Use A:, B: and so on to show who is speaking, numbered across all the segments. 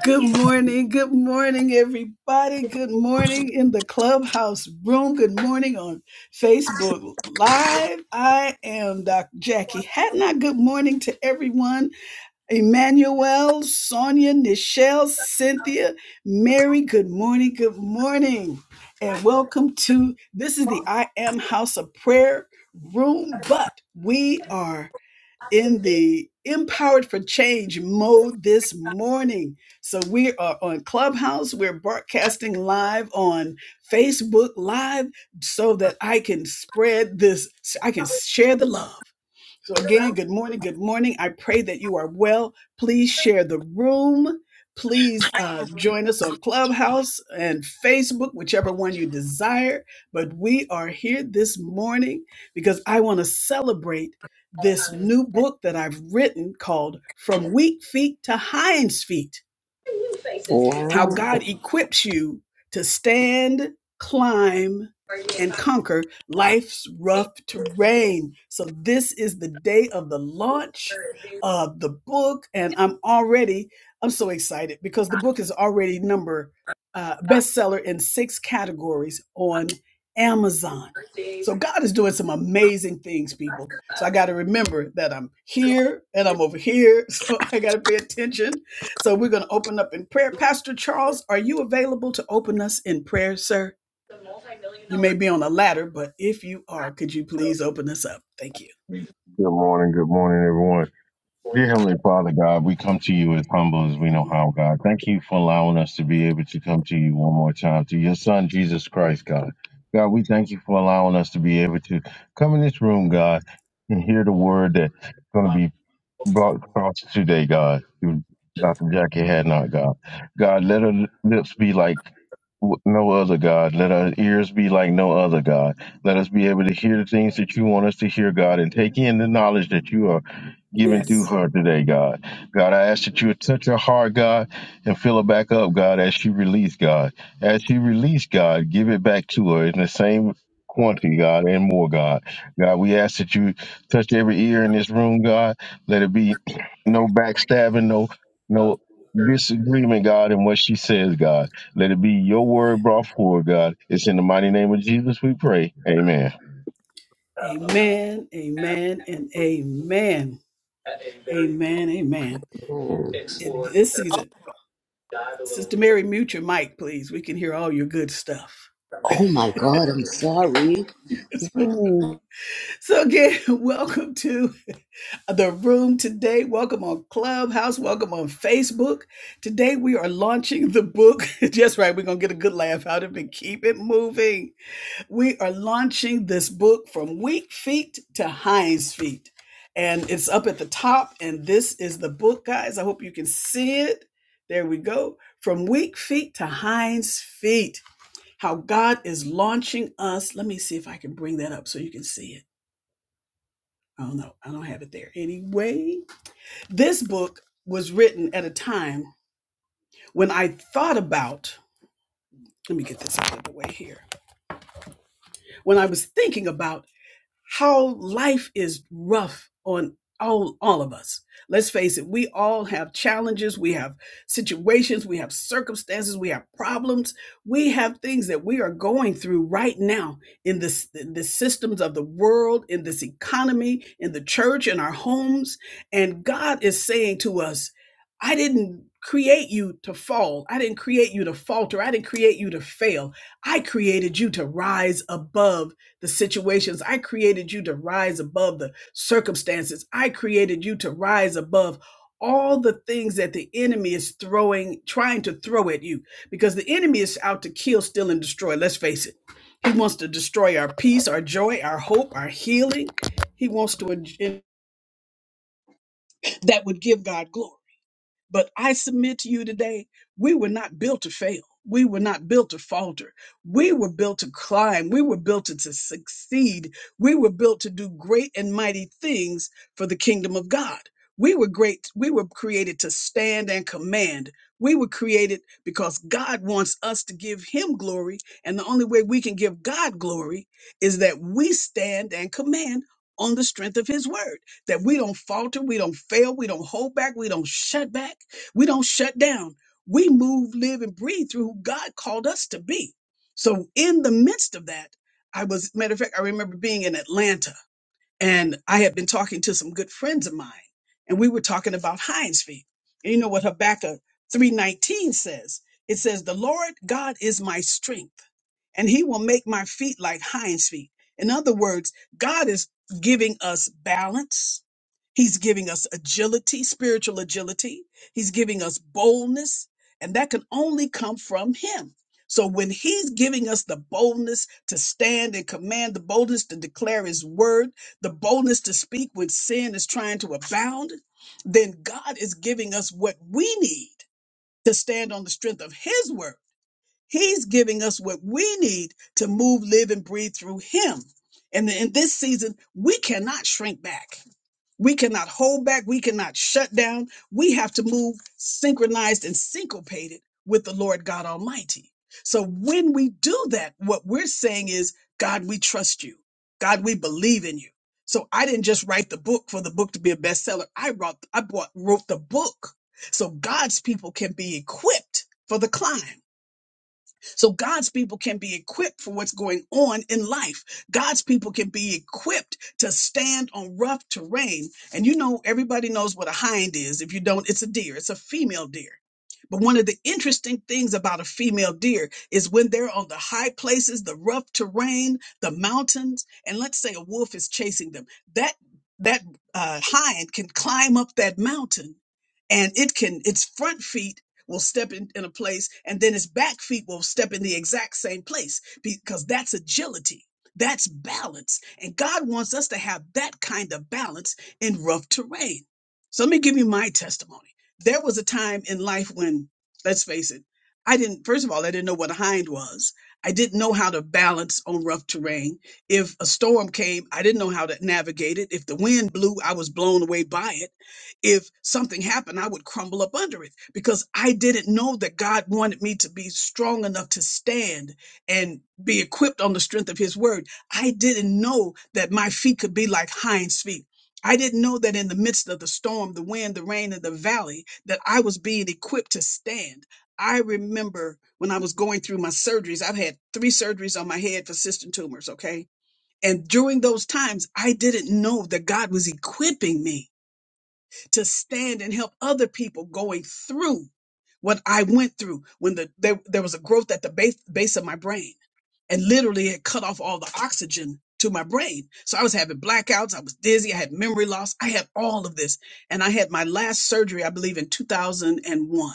A: Good morning. Good morning, everybody. Good morning in the clubhouse room. Good morning on Facebook Live. I am Dr. Jackie Hatnot. Good morning to everyone. Emmanuel, Sonia, Nichelle, Cynthia, Mary. Good morning. Good morning. And welcome to this is the I Am House of Prayer room, but we are in the Empowered for Change mode this morning. So we are on Clubhouse. We're broadcasting live on Facebook Live so that I can spread this, I can share the love. So again, good morning, good morning. I pray that you are well. Please share the room. Please uh, join us on Clubhouse and Facebook, whichever one you desire. But we are here this morning because I want to celebrate this new book that I've written called From Weak Feet to Hinds Feet
B: Wow.
A: how God equips you to stand, climb, and conquer life's rough terrain. So, this is the day of the launch of the book, and I'm already, I'm so excited because the book is already number uh, bestseller in six categories on Amazon. So, God is doing some amazing things, people. So, I got to remember that I'm here and I'm over here. So, I got to pay attention so we're going to open up in prayer. Pastor Charles, are you available to open us in prayer, sir? You may be on a ladder, but if you are, could you please open us up? Thank you.
C: Good morning, good morning, everyone. Dear Heavenly Father God, we come to you as humble as we know how, God. Thank you for allowing us to be able to come to you one more time through your Son, Jesus Christ, God. God, we thank you for allowing us to be able to come in this room, God, and hear the word that's going to be block cross today, God, through Dr. Jackie Hadnot, God. God, let her lips be like w- no other God. Let our ears be like no other God. Let us be able to hear the things that you want us to hear, God, and take in the knowledge that you are giving through
A: Yes.
C: her today, God. God, I ask that you would touch her heart, God, and fill her back up, God, as she release, God. As she release, God, give it back to her in the same quantity, God, and more, God. God, we ask that you touch every ear in this room, God. Let it be no backstabbing, no no disagreement, God, in what she says, God. Let it be your word brought forward, God. It's in the mighty name of Jesus we pray. Amen.
A: Amen, amen, and amen. Amen, amen. In this season, Sister Mary, mute your mic, please. We can hear all your good stuff.
B: Oh my God, I'm sorry.
A: Yes.
B: Mm.
A: so, again, welcome to the room today. Welcome on Clubhouse. Welcome on Facebook. Today we are launching the book. Just right, we're going to get a good laugh out of it. Keep it moving. We are launching this book from Weak Feet to Hinds Feet. And it's up at the top. And this is the book, guys. I hope you can see it. There we go. From Weak Feet to Hinds Feet. How God is launching us. Let me see if I can bring that up so you can see it. I don't know. I don't have it there anyway. This book was written at a time when I thought about, let me get this out of the way here, when I was thinking about how life is rough on all all of us. Let's face it, we all have challenges, we have situations, we have circumstances, we have problems, we have things that we are going through right now in this in the systems of the world, in this economy, in the church, in our homes, and God is saying to us, I didn't create you to fall. I didn't create you to falter. I didn't create you to fail. I created you to rise above the situations. I created you to rise above the circumstances. I created you to rise above all the things that the enemy is throwing, trying to throw at you, because the enemy is out to kill, steal, and destroy. Let's face it. He wants to destroy our peace, our joy, our hope, our healing. He wants to, that would give God glory. But I submit to you today, we were not built to fail. We were not built to falter. We were built to climb. We were built to, to succeed. We were built to do great and mighty things for the kingdom of God. We were great. We were created to stand and command. We were created because God wants us to give him glory. And the only way we can give God glory is that we stand and command on the strength of his word, that we don't falter, we don't fail, we don't hold back, we don't shut back we don't shut down. We move, live, and breathe through who God called us to be. So, in the midst of that, I was, matter of fact, I remember being in Atlanta and I had been talking to some good friends of mine and we were talking about Heinz feet. And you know what Habakkuk 319 says? It says, The Lord God is my strength and he will make my feet like hinds feet. In other words, God is giving us balance. He's giving us agility, spiritual agility. He's giving us boldness, and that can only come from him. So when he's giving us the boldness to stand and command, the boldness to declare his word, the boldness to speak when sin is trying to abound, then God is giving us what we need to stand on the strength of his word He's giving us what we need to move, live, and breathe through Him. And in this season, we cannot shrink back. We cannot hold back. We cannot shut down. We have to move synchronized and syncopated with the Lord God Almighty. So when we do that, what we're saying is, God, we trust you. God, we believe in you. So I didn't just write the book for the book to be a bestseller. I wrote, I bought, wrote the book so God's people can be equipped for the climb. So God's people can be equipped for what's going on in life. God's people can be equipped to stand on rough terrain. And you know, everybody knows what a hind is. If you don't, it's a deer, it's a female deer. But one of the interesting things about a female deer is when they're on the high places, the rough terrain, the mountains, and let's say a wolf is chasing them, that that uh, hind can climb up that mountain and it can its front feet will step in, in a place and then his back feet will step in the exact same place because that's agility. That's balance. And God wants us to have that kind of balance in rough terrain. So let me give you my testimony. There was a time in life when, let's face it, I didn't, first of all, I didn't know what a hind was. I didn't know how to balance on rough terrain. If a storm came, I didn't know how to navigate it. If the wind blew, I was blown away by it if something happened, I would crumble up under it because I didn't know that God wanted me to be strong enough to stand and be equipped on the strength of his word. I didn't know that my feet could be like hinds feet. I didn't know that in the midst of the storm, the wind, the rain, and the valley, that I was being equipped to stand. I remember when I was going through my surgeries, I've had three surgeries on my head for cystic tumors, okay? And during those times, I didn't know that God was equipping me to stand and help other people going through what I went through when the there, there was a growth at the base, base of my brain and literally it cut off all the oxygen to my brain. So I was having blackouts, I was dizzy, I had memory loss, I had all of this. And I had my last surgery I believe in 2001.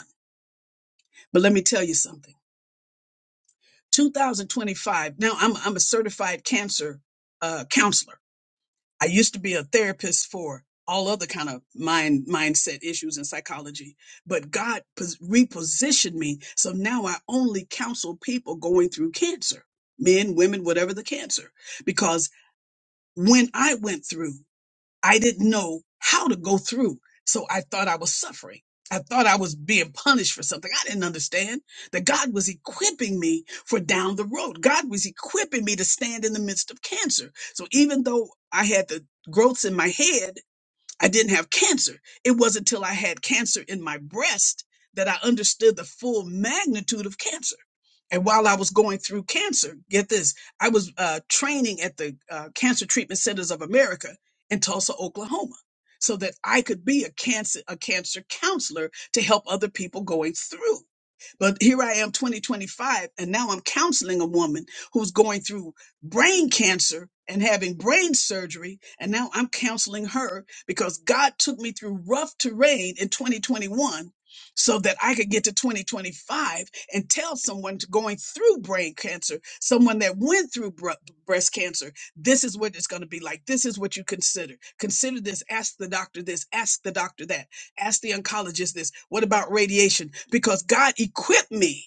A: But let me tell you something. 2025. Now I'm I'm a certified cancer uh, counselor I used to be a therapist for all other kind of mind mindset issues and psychology, but God pos- repositioned me. So now I only counsel people going through cancer, men, women, whatever the cancer, because when I went through, I didn't know how to go through. So I thought I was suffering. I thought I was being punished for something. I didn't understand that God was equipping me for down the road. God was equipping me to stand in the midst of cancer. So even though I had the growths in my head, I didn't have cancer. It wasn't till I had cancer in my breast that I understood the full magnitude of cancer. And while I was going through cancer, get this, I was uh, training at the uh, Cancer Treatment Centers of America in Tulsa, Oklahoma, so that I could be a cancer a cancer counselor to help other people going through. But here I am 2025 and now I'm counseling a woman who's going through brain cancer and having brain surgery and now I'm counseling her because God took me through rough terrain in 2021 so that I could get to 2025 and tell someone to going through brain cancer, someone that went through br- breast cancer, this is what it's going to be like. This is what you consider. Consider this, ask the doctor this, ask the doctor that Ask the oncologist this. What about radiation? Because God equipped me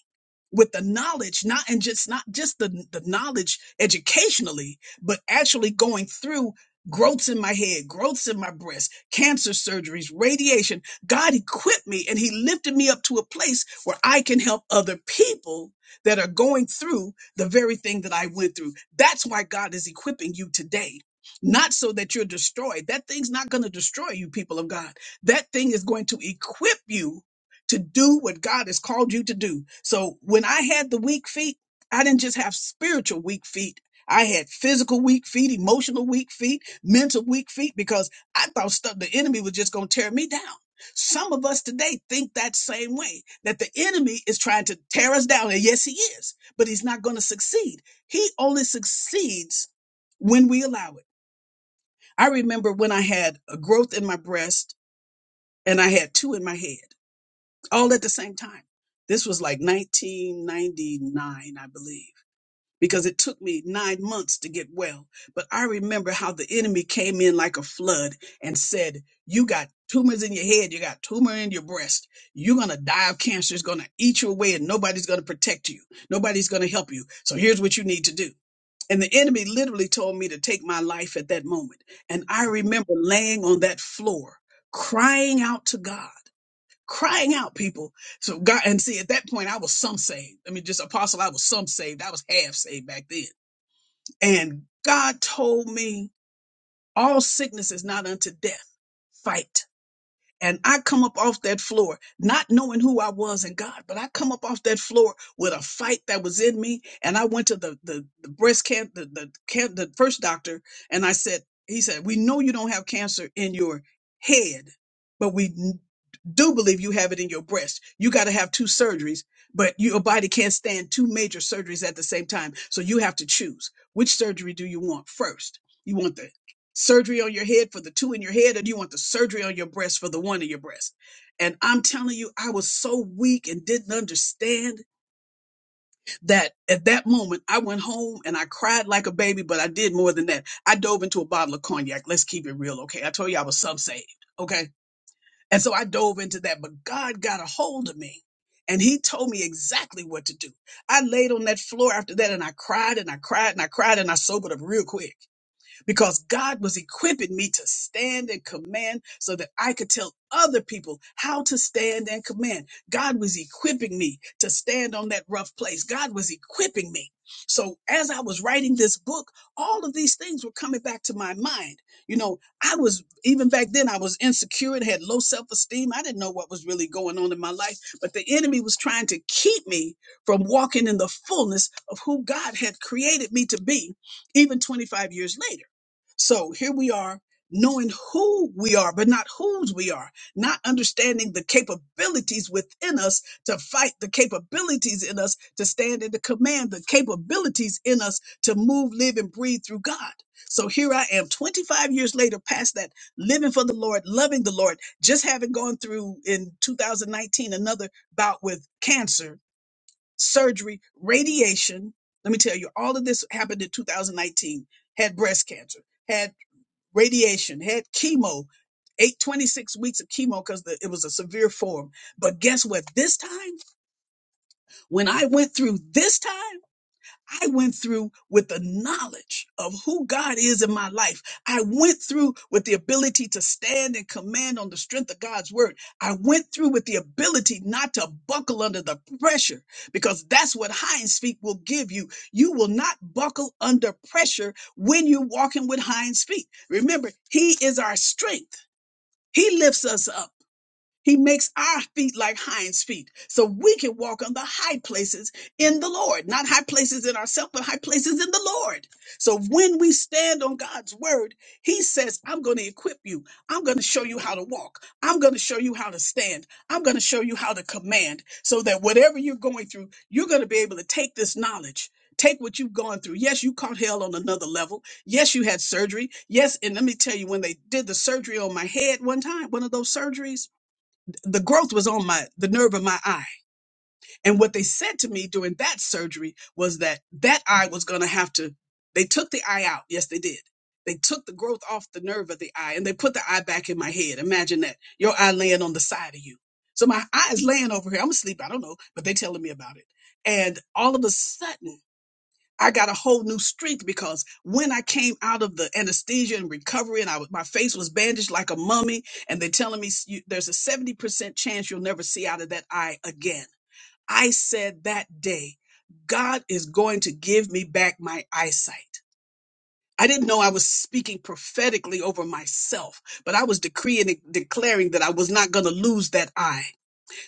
A: with the knowledge, not and just not just the, the knowledge educationally, but actually going through growths in my head, growths in my breast, cancer surgeries, radiation. God equipped me and he lifted me up to a place where I can help other people that are going through the very thing that I went through. That's why God is equipping you today. Not so that you're destroyed. That thing's not going to destroy you, people of God that thing is going to equip you to do what God has called you to do. So when I had the weak feet, I didn't just have spiritual weak feet. I had physical weak feet, emotional weak feet, mental weak feet, because I thought stuff, the enemy was just going to tear me down. Some of us today think that same way, that the enemy is trying to tear us down. And yes, he is, but he's not going to succeed. He only succeeds when we allow it. I remember when I had a growth in my breast and I had two in my head all at the same time. This was like 1999, I believe, because it took me nine months to get well. But I remember how the enemy came in like a flood and said, You got tumors in your head, you got tumor in your breast. You're going to die of cancer. It's going to eat you away, and nobody's going to protect you. Nobody's going to help you. So here's what you need to do. And the enemy literally told me to take my life at that moment. And I remember laying on that floor, crying out to God crying out people so god and see at that point i was some saved i mean just apostle i was some saved i was half saved back then and god told me all sickness is not unto death fight and i come up off that floor not knowing who i was in god but i come up off that floor with a fight that was in me and i went to the the, the breast can the, the can the first doctor and i said he said we know you don't have cancer in your head but we do believe you have it in your breast. You got to have two surgeries, but your body can't stand two major surgeries at the same time. So you have to choose which surgery do you want first? You want the surgery on your head for the two in your head, or do you want the surgery on your breast for the one in your breast? And I'm telling you, I was so weak and didn't understand that at that moment I went home and I cried like a baby, but I did more than that. I dove into a bottle of cognac. Let's keep it real, okay? I told you I was some saved, okay? And so I dove into that, but God got a hold of me and he told me exactly what to do. I laid on that floor after that and I cried and I cried and I cried and I sobered up real quick because God was equipping me to stand and command so that I could tell other people how to stand and command. God was equipping me to stand on that rough place. God was equipping me. So as I was writing this book, all of these things were coming back to my mind. You know, I was even back then I was insecure and had low self-esteem. I didn't know what was really going on in my life, but the enemy was trying to keep me from walking in the fullness of who God had created me to be even 25 years later. So here we are, knowing who we are, but not whose we are, not understanding the capabilities within us to fight, the capabilities in us to stand and to command, the capabilities in us to move, live, and breathe through God. So here I am, 25 years later, past that, living for the Lord, loving the Lord, just having gone through in 2019 another bout with cancer, surgery, radiation. Let me tell you, all of this happened in 2019, had breast cancer Had radiation, had chemo, eight twenty-six weeks of chemo because it was a severe form. But guess what? This time, when I went through this time, I went through with the knowledge of who God is in my life. I went through with the ability to stand and command on the strength of God's word. I went through with the ability not to buckle under the pressure because that's what Heinz Feet will give you. You will not buckle under pressure when you're walking with Heinz Feet. Remember, He is our strength, He lifts us up. He makes our feet like hinds feet so we can walk on the high places in the Lord, not high places in ourselves, but high places in the Lord. So when we stand on God's word, he says, I'm going to equip you. I'm going to show you how to walk. I'm going to show you how to stand. I'm going to show you how to command so that whatever you're going through, you're going to be able to take this knowledge. Take what you've gone through. Yes, you caught hell on another level. Yes, you had surgery. Yes, and let me tell you, when they did the surgery on my head one time, one of those surgeries, the growth was on my the nerve of my eye and what they said to me during that surgery was that that eye was going to have to they took the eye out yes they did they took the growth off the nerve of the eye and they put the eye back in my head imagine that your eye laying on the side of you so my eye is laying over here i'm asleep i don't know but they telling me about it and all of a sudden I got a whole new strength because when I came out of the anesthesia and recovery, and I was, my face was bandaged like a mummy, and they're telling me "S- you, there's a 70% chance you'll never see out of that eye again. I said that day, God is going to give me back my eyesight. I didn't know I was speaking prophetically over myself, but I was decreeing and declaring that I was not going to lose that eye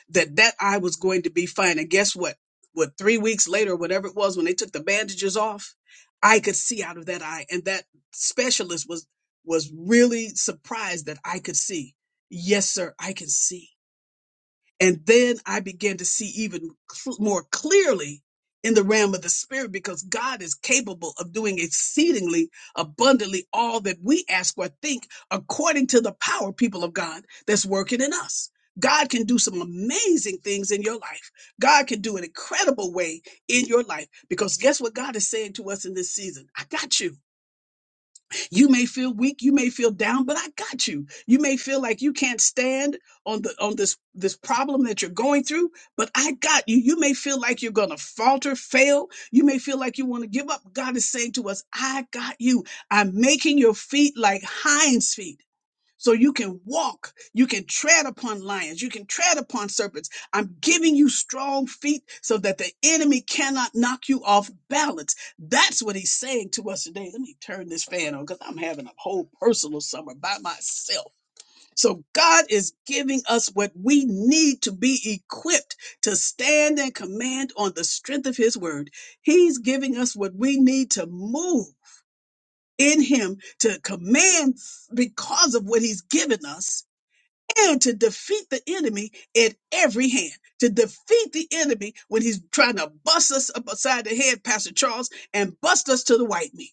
A: that that eye was going to be fine. And guess what? What three weeks later, whatever it was, when they took the bandages off, I could see out of that eye, and that specialist was was really surprised that I could see. Yes, sir, I can see. And then I began to see even cl- more clearly in the realm of the spirit because God is capable of doing exceedingly abundantly all that we ask or think according to the power, people of God, that's working in us. God can do some amazing things in your life. God can do an incredible way in your life because guess what God is saying to us in this season? I got you. You may feel weak, you may feel down, but I got you. You may feel like you can't stand on the on this this problem that you're going through, but I got you. You may feel like you're going to falter, fail. You may feel like you want to give up. God is saying to us, I got you. I'm making your feet like hinds feet. So you can walk, you can tread upon lions, you can tread upon serpents. I'm giving you strong feet so that the enemy cannot knock you off balance. That's what he's saying to us today. Let me turn this fan on because I'm having a whole personal summer by myself. So God is giving us what we need to be equipped to stand and command on the strength of his word. He's giving us what we need to move in him to command because of what he's given us and to defeat the enemy at every hand. To defeat the enemy when he's trying to bust us up upside the head, Pastor Charles, and bust us to the white meat.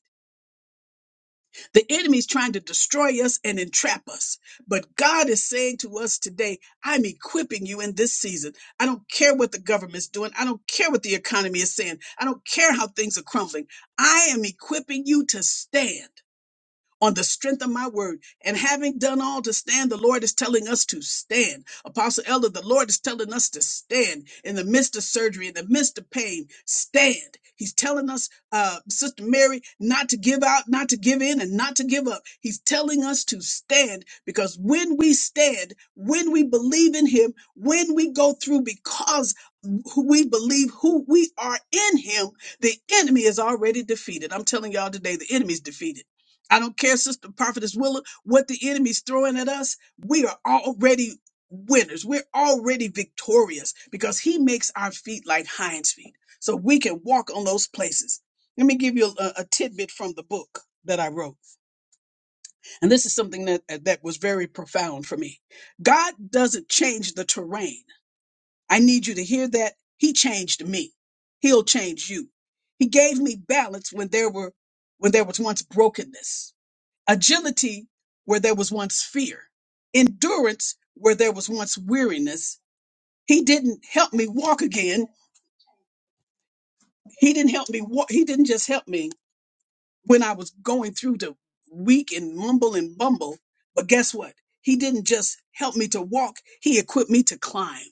A: The enemy's trying to destroy us and entrap us. But God is saying to us today, I'm equipping you in this season. I don't care what the government's doing. I don't care what the economy is saying. I don't care how things are crumbling. I am equipping you to stand on the strength of my word. And having done all to stand, the Lord is telling us to stand. Apostle Elder, the Lord is telling us to stand in the midst of surgery, in the midst of pain. Stand. He's telling us, uh, Sister Mary, not to give out, not to give in, and not to give up. He's telling us to stand because when we stand, when we believe in Him, when we go through because who we believe who we are in Him, the enemy is already defeated. I'm telling y'all today, the enemy's defeated. I don't care, Sister Prophetess Willa, what the enemy's throwing at us. We are already winners. We're already victorious because he makes our feet like hinds feet. So we can walk on those places. Let me give you a, a tidbit from the book that I wrote. And this is something that, that was very profound for me. God doesn't change the terrain. I need you to hear that. He changed me. He'll change you. He gave me balance when there were when there was once brokenness agility where there was once fear, endurance where there was once weariness. He didn't help me walk again. He didn't help me walk. He didn't just help me when I was going through the weak and mumble and bumble. But guess what? He didn't just help me to walk. He equipped me to climb.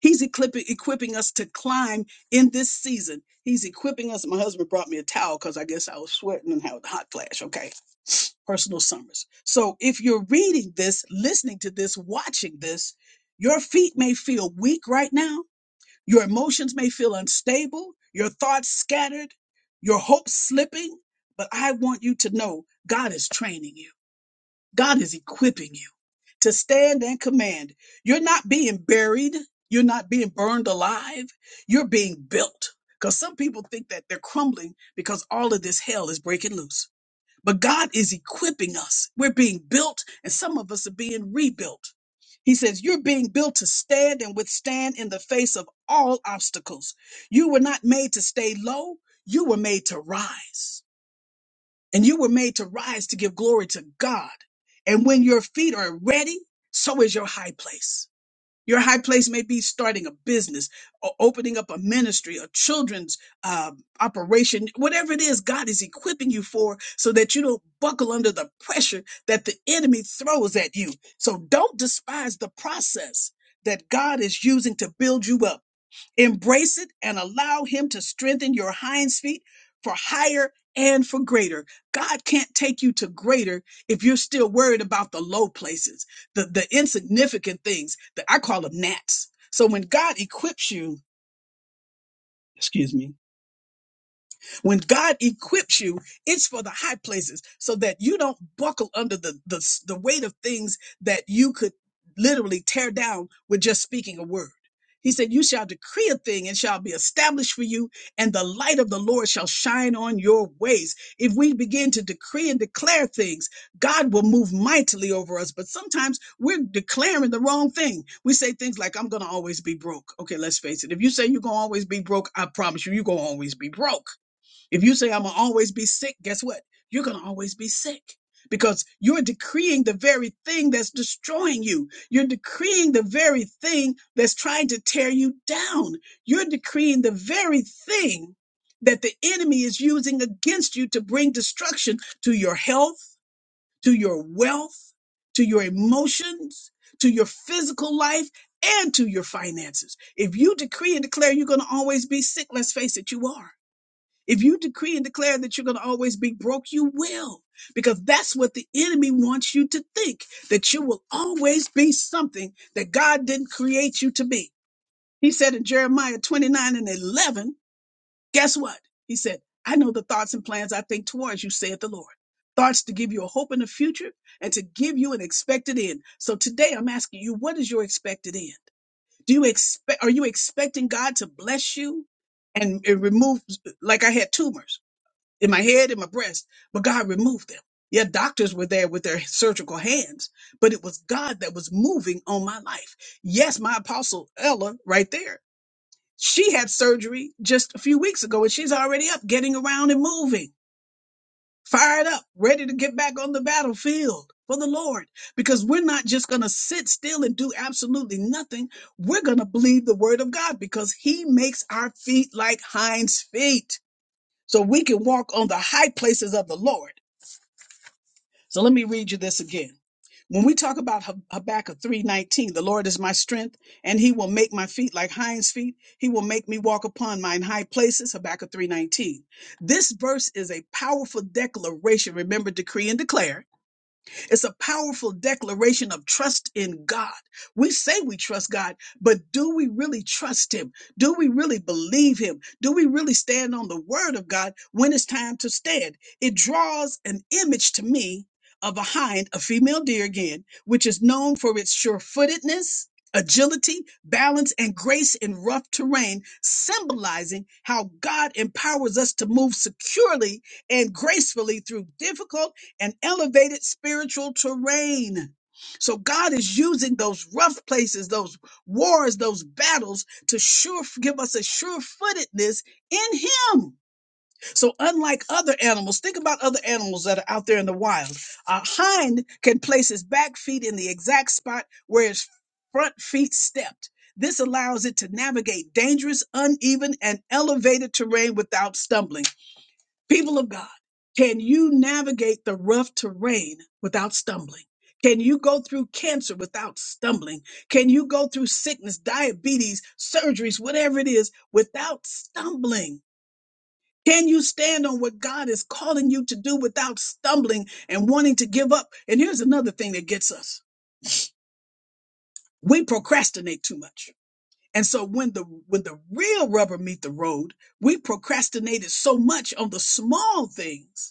A: He's equipping, equipping us to climb in this season. He's equipping us. My husband brought me a towel because I guess I was sweating and had a hot flash. Okay personal summers. So if you're reading this, listening to this, watching this, your feet may feel weak right now. Your emotions may feel unstable, your thoughts scattered, your hopes slipping. But I want you to know God is training you, God is equipping you to stand and command. You're not being buried, you're not being burned alive, you're being built. Because some people think that they're crumbling because all of this hell is breaking loose. But God is equipping us. We're being built, and some of us are being rebuilt. He says, You're being built to stand and withstand in the face of all obstacles. You were not made to stay low, you were made to rise. And you were made to rise to give glory to God. And when your feet are ready, so is your high place. Your high place may be starting a business, or opening up a ministry, a children's uh, operation, whatever it is God is equipping you for so that you don't buckle under the pressure that the enemy throws at you. So don't despise the process that God is using to build you up. Embrace it and allow Him to strengthen your hinds feet for higher and for greater. God can't take you to greater if you're still worried about the low places, the, the insignificant things that I call them gnats. So when God equips you, excuse me, when God equips you, it's for the high places so that you don't buckle under the, the, the weight of things that you could literally tear down with just speaking a word. He said, You shall decree a thing and shall be established for you, and the light of the Lord shall shine on your ways. If we begin to decree and declare things, God will move mightily over us. But sometimes we're declaring the wrong thing. We say things like, I'm going to always be broke. Okay, let's face it. If you say you're going to always be broke, I promise you, you're going to always be broke if you say, I'm going to always be sick, guess what? You're going to always be sick because you're decreeing the very thing that's destroying you. You're decreeing the very thing that's trying to tear you down. You're decreeing the very thing that the enemy is using against you to bring destruction to your health, to your wealth, to your emotions, to your physical life. And to your finances. If you decree and declare you're going to always be sick, let's face it, you are if you decree and declare that you're going to always be broke, you will, because that's what the enemy wants you to think that you will always be something that God didn't create you to be. He said in Jeremiah 29 and 11, guess what? He said, I know the thoughts and plans I think towards you, saith the Lord. Thoughts to give you a hope in the future and to give you an expected end. So today I'm asking you, what is your expected end? Do you expect, are you expecting God to bless you and and remove, like I had tumors? in my head, in my breast, but God removed them. Yeah, doctors were there with their surgical hands, but it was God that was moving on my life. Yes, my apostle Ella, right there, she had surgery just a few weeks ago, and she's already up, getting around and moving, fired up, ready to get back on the battlefield for the Lord. Because we're not just going to sit still and do absolutely nothing. We're going to believe the word of God because He makes our feet like hinds' feet, so we can walk on the high places of the Lord So let me read you this again. When we talk about Hab- Habakkuk 3:19, the Lord is my strength, and he will make my feet like hinds feet. He will make me walk upon mine high places, Habakkuk 3:19. This verse is a powerful declaration. Remember, decree and declare it's a powerful declaration of trust in God. We say we trust God, but do we really trust Him? Do we really believe Him? Do we really stand on the Word of God when it's time to stand? It draws an image to me of a hind, a female deer again, which is known for its sure footedness. Agility, balance, and grace in rough terrain, symbolizing how God empowers us to move securely and gracefully through difficult and elevated spiritual terrain. So God is using those rough places, those wars, those battles to sure give us a sure footedness in Him. So unlike other animals, think about other animals that are out there in the wild. A hind can place his back feet in the exact spot where his front feet stepped. This allows it to navigate dangerous, uneven, and elevated terrain without stumbling. People of God, can you navigate the rough terrain without stumbling? Can you go through cancer without stumbling? Can you go through sickness, diabetes, surgeries, whatever it is, without stumbling? Can you stand on what God is calling you to do without stumbling and wanting to give up? And here's another thing that gets us. We procrastinate too much. And so when the when the real rubber meet the road, we procrastinated so much on the small things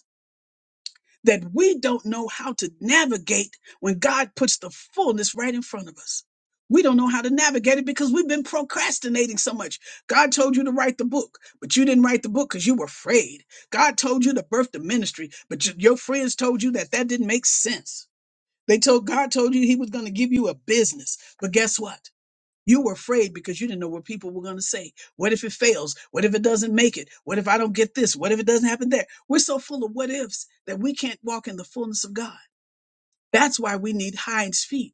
A: that we don't know how to navigate when God puts the fullness right in front of us. We don't know how to navigate it because we've been procrastinating so much. God told you to write the book, but you didn't write the book because you were afraid. God told you to birth the ministry, but y- your friends told you that that didn't make sense. They told God told you he was going to give you a business, but guess what? You were afraid because you didn't know what people were going to say. What if it fails? What if it doesn't make it? What if I don't get this? What if it doesn't happen there? We're so full of what ifs that we can't walk in the fullness of God. That's why we need hinds feet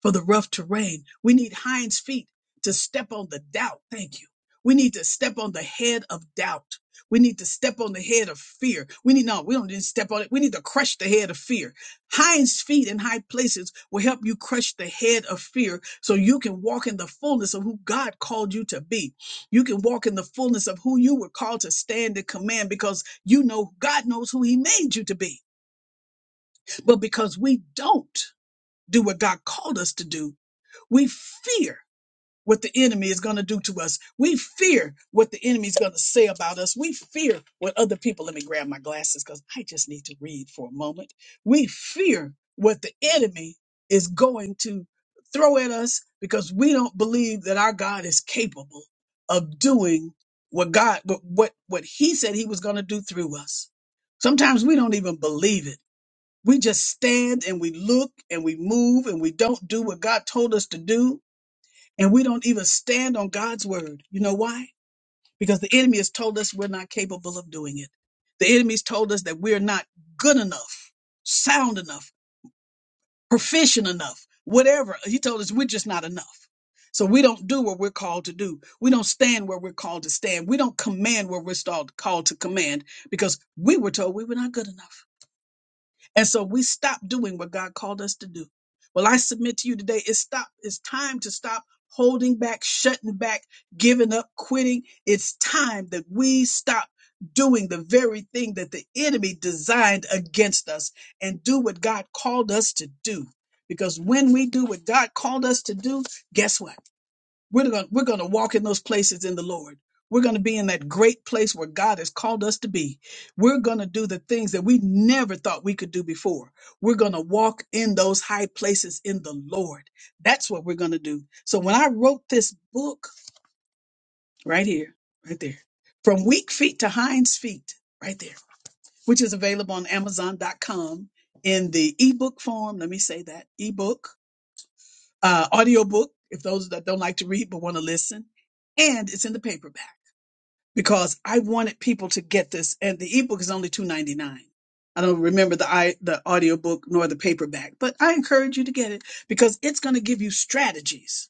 A: for the rough terrain. We need hinds feet to step on the doubt. Thank you. We need to step on the head of doubt. We need to step on the head of fear. We need no, we don't need to step on it. We need to crush the head of fear. Hinds feet in high places will help you crush the head of fear so you can walk in the fullness of who God called you to be. You can walk in the fullness of who you were called to stand and command because you know God knows who he made you to be. But because we don't do what God called us to do, we fear what the enemy is going to do to us. We fear what the enemy is going to say about us. We fear what other people, let me grab my glasses because I just need to read for a moment. We fear what the enemy is going to throw at us because we don't believe that our God is capable of doing what God, what, what, what he said he was going to do through us. Sometimes we don't even believe it. We just stand and we look and we move and we don't do what God told us to do and we don't even stand on God's word. You know why? Because the enemy has told us we're not capable of doing it. The enemy's told us that we're not good enough, sound enough, proficient enough, whatever. He told us we're just not enough. So we don't do what we're called to do. We don't stand where we're called to stand. We don't command where we're stalled- called to command because we were told we were not good enough. And so we stop doing what God called us to do. Well, I submit to you today, it's stop, it's time to stop holding back, shutting back, giving up, quitting. It's time that we stop doing the very thing that the enemy designed against us and do what God called us to do. Because when we do what God called us to do, guess what? We're going we're going to walk in those places in the Lord. We're going to be in that great place where God has called us to be. We're going to do the things that we never thought we could do before. We're going to walk in those high places in the Lord. That's what we're going to do. So when I wrote this book right here, right there, from weak feet to hinds feet, right there, which is available on amazon.com in the ebook form. Let me say that ebook uh, audiobook if those that don't like to read but want to listen. And it's in the paperback because I wanted people to get this. And the ebook is only two ninety nine. I don't remember the i the audiobook nor the paperback, but I encourage you to get it because it's going to give you strategies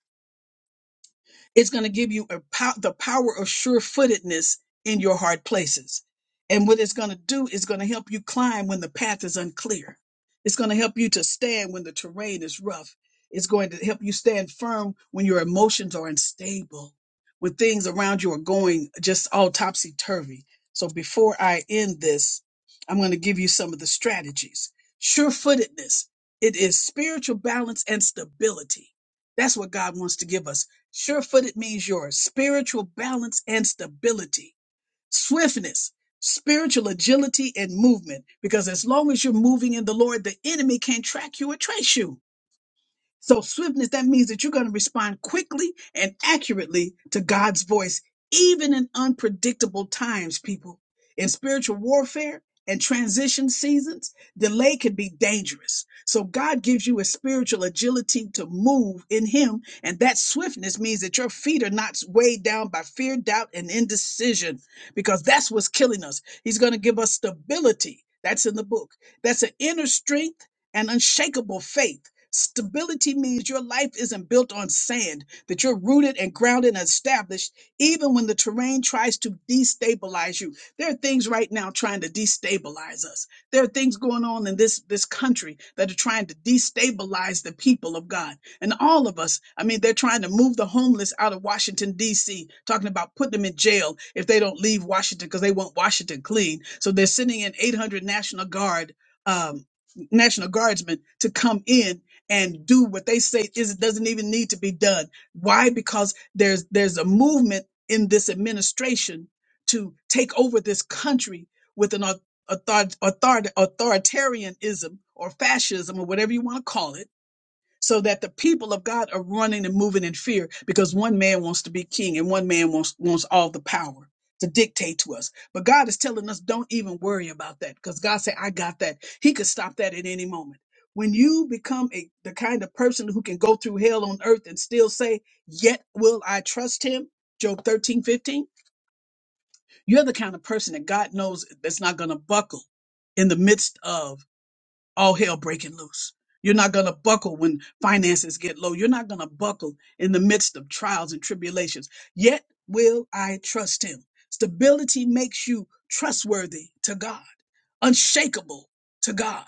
A: it's going to give you a pow- the power of sure footedness in your hard places. And what it's going to do is going to help you climb when the path is unclear. It's going to help you to stand when the terrain is rough. It's going to help you stand firm when your emotions are unstable, when things around you are going just all topsy turvy. So before I end this, I'm going to give you some of the strategies. Sure footedness. It is spiritual balance and stability. That's what God wants to give us Sure footed means your spiritual balance and stability, swiftness, spiritual agility, and movement. Because as long as you're moving in the Lord, the enemy can't track you or trace you. So, swiftness, that means that you're going to respond quickly and accurately to God's voice, even in unpredictable times, people. In spiritual warfare and transition seasons, delay can be dangerous. So, God gives you a spiritual agility to move in Him. And that swiftness means that your feet are not weighed down by fear, doubt, and indecision, because that's what's killing us. He's going to give us stability. That's in the book. That's an inner strength and unshakable faith. Stability means your life isn't built on sand, that you're rooted and grounded and established, even when the terrain tries to destabilize you. There are things right now trying to destabilize us. There are things going on in this, this country that are trying to destabilize the people of God. And all of us, I mean, they're trying to move the homeless out of Washington, D.C., talking about putting them in jail if they don't leave Washington because they want Washington clean. So they're sending in 800 National Guard. um, National Guardsmen to come in and do what they say is doesn't even need to be done. Why? Because there's there's a movement in this administration to take over this country with an author, author, authoritarianism or fascism or whatever you want to call it so that the people of God are running and moving in fear because one man wants to be king and one man wants wants all the power to dictate to us. But God is telling us don't even worry about that because God said I got that. He could stop that at any moment. When you become a the kind of person who can go through hell on earth and still say, "Yet will I trust him?" Job thirteen fifteen, You're the kind of person that God knows that's not going to buckle in the midst of all hell breaking loose. You're not going to buckle when finances get low. You're not going to buckle in the midst of trials and tribulations. Yet will I trust him. Stability makes you trustworthy to God, unshakable to God,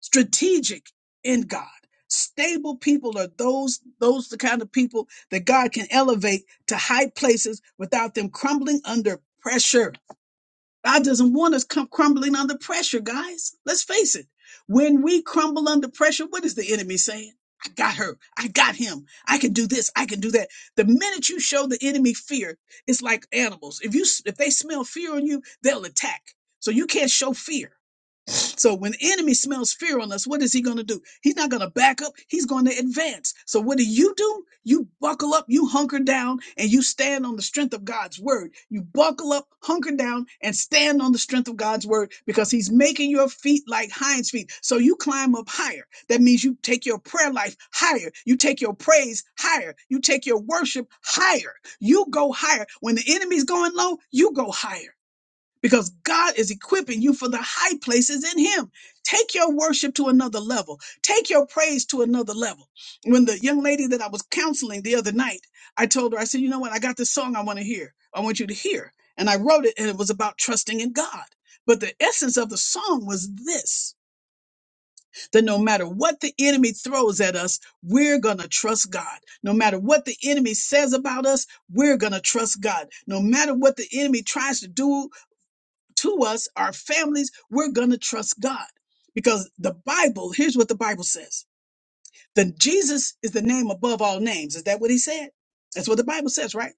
A: strategic in God. Stable people are those those the kind of people that God can elevate to high places without them crumbling under pressure. God doesn't want us come crumbling under pressure, guys. Let's face it. When we crumble under pressure, what is the enemy saying? I got her. I got him. I can do this. I can do that. The minute you show the enemy fear, it's like animals. If you if they smell fear on you, they'll attack. So you can't show fear. So when the enemy smells fear on us, what is he going to do? He's not going to back up. He's going to advance. So what do you do? You buckle up, you hunker down, and you stand on the strength of God's word. You buckle up, hunker down, and stand on the strength of God's word because he's making your feet like hinds feet. So you climb up higher. That means you take your prayer life higher. You take your praise higher. You take your worship higher. You go higher. When the enemy's going low, you go higher because God is equipping you for the high places in Him. Take your worship to another level, take your praise to another level. When the young lady that I was counseling the other night, I told her, I said, You know what? I got this song I want to hear, I want you to hear. And I wrote it, and it was about trusting in God. But the essence of the song was this that no matter what the enemy throws at us, we're going to trust God. No matter what the enemy says about us, we're going to trust God. No matter what the enemy tries to do to us, our families, we're going to trust God. Because the Bible, here's what the Bible says. Then Jesus is the name above all names. Is that what he said? That's what the Bible says, right?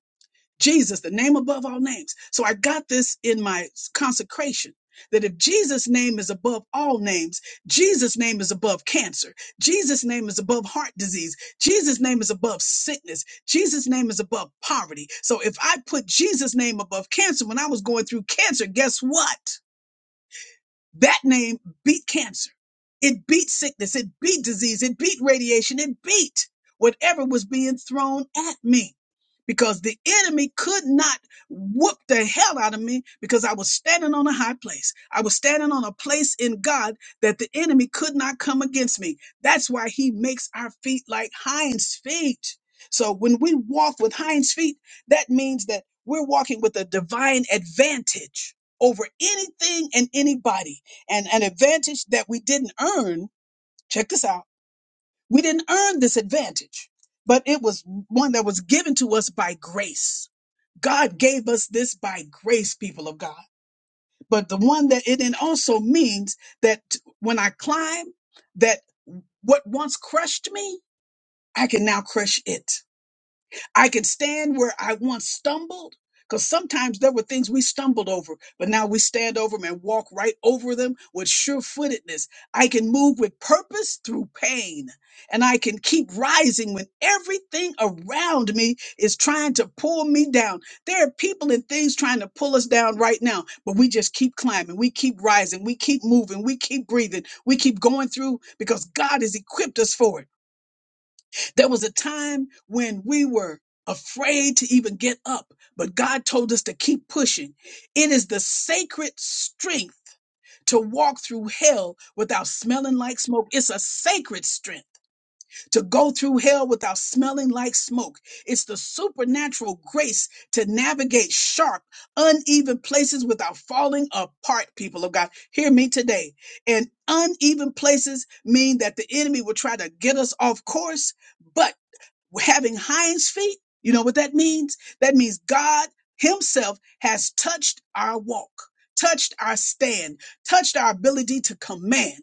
A: Jesus, the name above all names. So I got this in my consecration that if Jesus' name is above all names, Jesus' name is above cancer, Jesus' name is above heart disease, Jesus' name is above sickness, Jesus' name is above poverty. So if I put Jesus' name above cancer when I was going through cancer, guess what? That name beat cancer. It beat sickness. It beat disease. It beat radiation. It beat whatever was being thrown at me because the enemy could not whoop the hell out of me because I was standing on a high place. I was standing on a place in God that the enemy could not come against me. That's why he makes our feet like hinds feet. So when we walk with hinds feet, that means that we're walking with a divine advantage over anything and anybody and an advantage that we didn't earn. Check this out. We didn't earn this advantage, but it was one that was given to us by grace. God gave us this by grace, people of God. But the one that it then also means that when I climb, that what once crushed me, I can now crush it I can stand where I once stumbled because sometimes there were things we stumbled over, but now we stand over them and walk right over them with sure footedness. I can move with purpose through pain, and I can keep rising when everything around me is trying to pull me down. There are people and things trying to pull us down right now, but we just keep climbing, we keep rising, we keep moving, we keep breathing, we keep going through because God has equipped us for it. There was a time when we were afraid to even get up, but God told us to keep pushing. It is the sacred strength to walk through hell without smelling like smoke. It's a sacred strength to go through hell without smelling like smoke. It's the supernatural grace to navigate sharp, uneven places without falling apart, people of God. Hear me today. And uneven places mean that the enemy will try to get us off course but having hinds feet. You know what that means? That means God Himself has touched our walk, touched our stand, touched our ability to command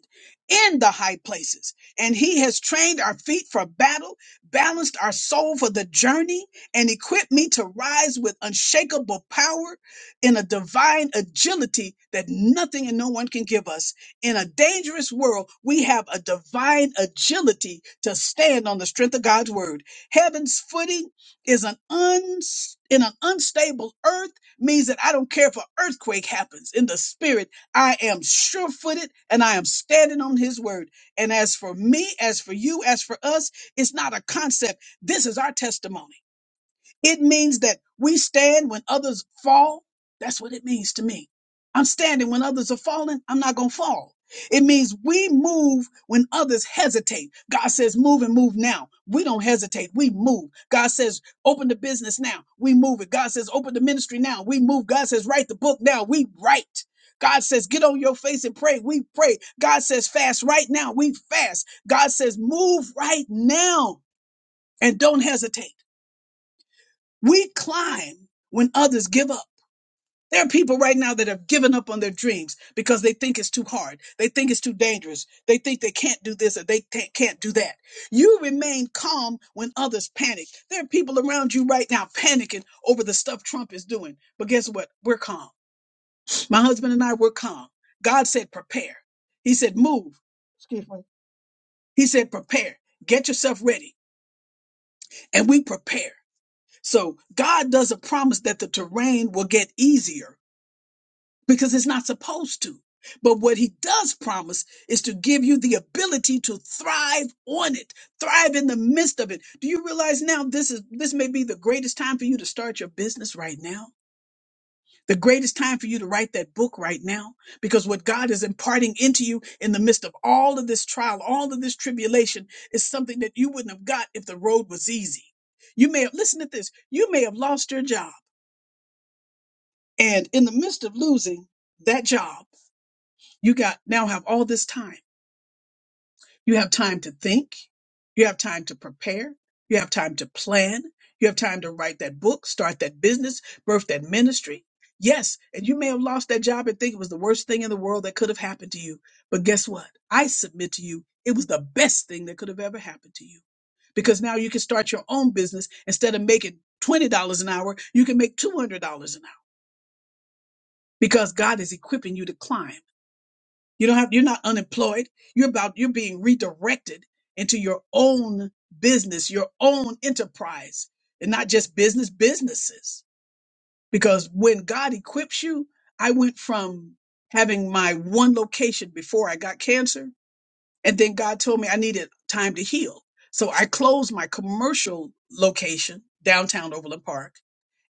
A: in the high places. And He has trained our feet for battle, balanced our soul for the journey, and equipped me to rise with unshakable power in a divine agility that nothing and no one can give us. In a dangerous world, we have a divine agility to stand on the strength of God's word. Heaven's footing is an uns in an unstable earth means that I don't care if an earthquake happens. In the spirit, I am sure footed and I am standing on his word. And as for me, as for you, as for us, it's not a concept. This is our testimony. It means that we stand when others fall. That's what it means to me. I'm standing when others are falling. I'm not going to fall. It means we move when others hesitate. God says, move and move now. We don't hesitate. We move. God says, open the business now. We move it. God says, open the ministry now. We move. God says, write the book now. We write. God says, get on your face and pray. We pray. God says, fast right now. We fast. God says, move right now and don't hesitate. We climb when others give up. There are people right now that have given up on their dreams because they think it's too hard. They think it's too dangerous. They think they can't do this or they ta- can't do that. You remain calm when others panic. There are people around you right now panicking over the stuff Trump is doing. But guess what? We're calm. My husband and I, were calm. God said, prepare. He said, move. Excuse me. He said, prepare. Get yourself ready. And we prepare. So God doesn't promise that the terrain will get easier. because it's not supposed to. But what he does promise is to give you the ability to thrive on it, thrive in the midst of it. Do you realize now this is this may be the greatest time for you to start your business right now? The greatest time for you to write that book right now because what God is imparting into you in the midst of all of this trial, all of this tribulation is something that you wouldn't have got if the road was easy. You may have listen to this. You may have lost your job and in the midst of losing that job You got now have all this time. You have time to think. You have time to prepare. You have time to plan. You have time to write that book, start that business, birth that ministry. Yes, and you may have lost that job and think it was the worst thing in the world that could have happened to you. But guess what? I submit to you, it was the best thing that could have ever happened to you because now you can start your own business instead of making $20 an hour, you can make $200 an hour because God is equipping you to climb. You don't have you're not unemployed. You're about you're being redirected into your own business, your own enterprise, and not just business businesses. Because when God equips you, I went from having my one location before I got cancer, and then God told me I needed time to heal. So I closed my commercial location, downtown Overland Park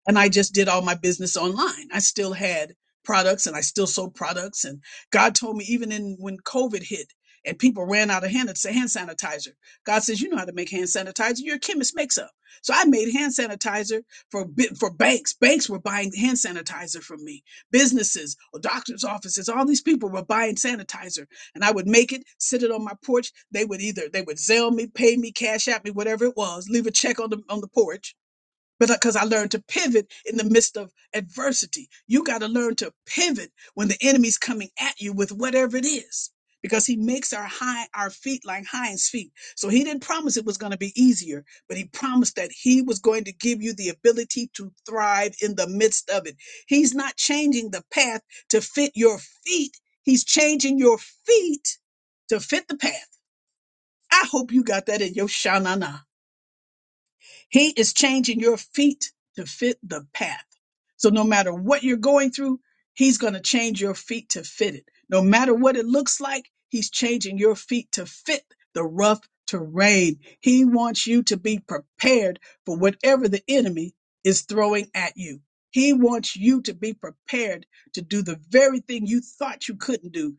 A: and I just did all my business online. I still had products and I still sold products. And God told me even in when COVID hit and people ran out of hand, it's a hand sanitizer. God says, you know how to make hand sanitizer. Your chemist makes some. So I made hand sanitizer for bi- for banks. Banks were buying hand sanitizer from me. Businesses, doctors' offices, all these people were buying sanitizer. And I would make it, sit it on my porch. They would either they would Zelle me, pay me, cash out me, whatever it was, leave a check on the on the porch but because I learned to pivot in the midst of adversity, you got to learn to pivot when the enemy's coming at you with whatever it is, because he makes our high our feet like hinds feet. So he didn't promise it was going to be easier, but he promised that he was going to give you the ability to thrive in the midst of it. He's not changing the path to fit your feet. He's changing your feet to fit the path. I hope you got that in your shanana. He is changing your feet to fit the path. So no matter what you're going through, he's going to change your feet to fit it. No matter what it looks like, he's changing your feet to fit the rough terrain. He wants you to be prepared for whatever the enemy is throwing at you. He wants you to be prepared to do the very thing you thought you couldn't do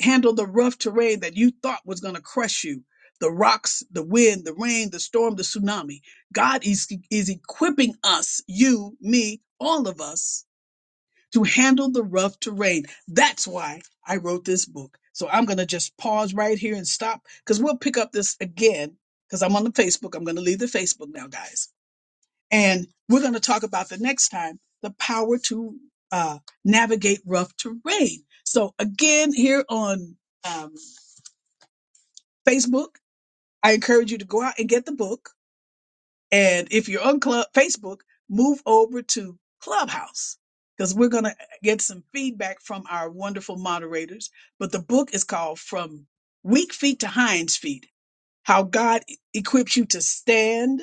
A: handle the rough terrain that you thought was going to crush you the rocks, the wind, the rain, the storm, the tsunami. God is, is equipping us, you, me, all of us, to handle the rough terrain. That's why I wrote this book. So I'm going to just pause right here and stop because we'll pick up this again because I'm on the Facebook. I'm going to leave the Facebook now, guys. And we're going to talk about the next time the power to uh, navigate rough terrain. So again, here on. Um, Facebook. I encourage you to go out and get the book. And if you're on Club Facebook, move over to Clubhouse because we're going to get some feedback from our wonderful moderators. But the book is called From Weak Feet to Hinds Feet How God E-, Equips You to Stand,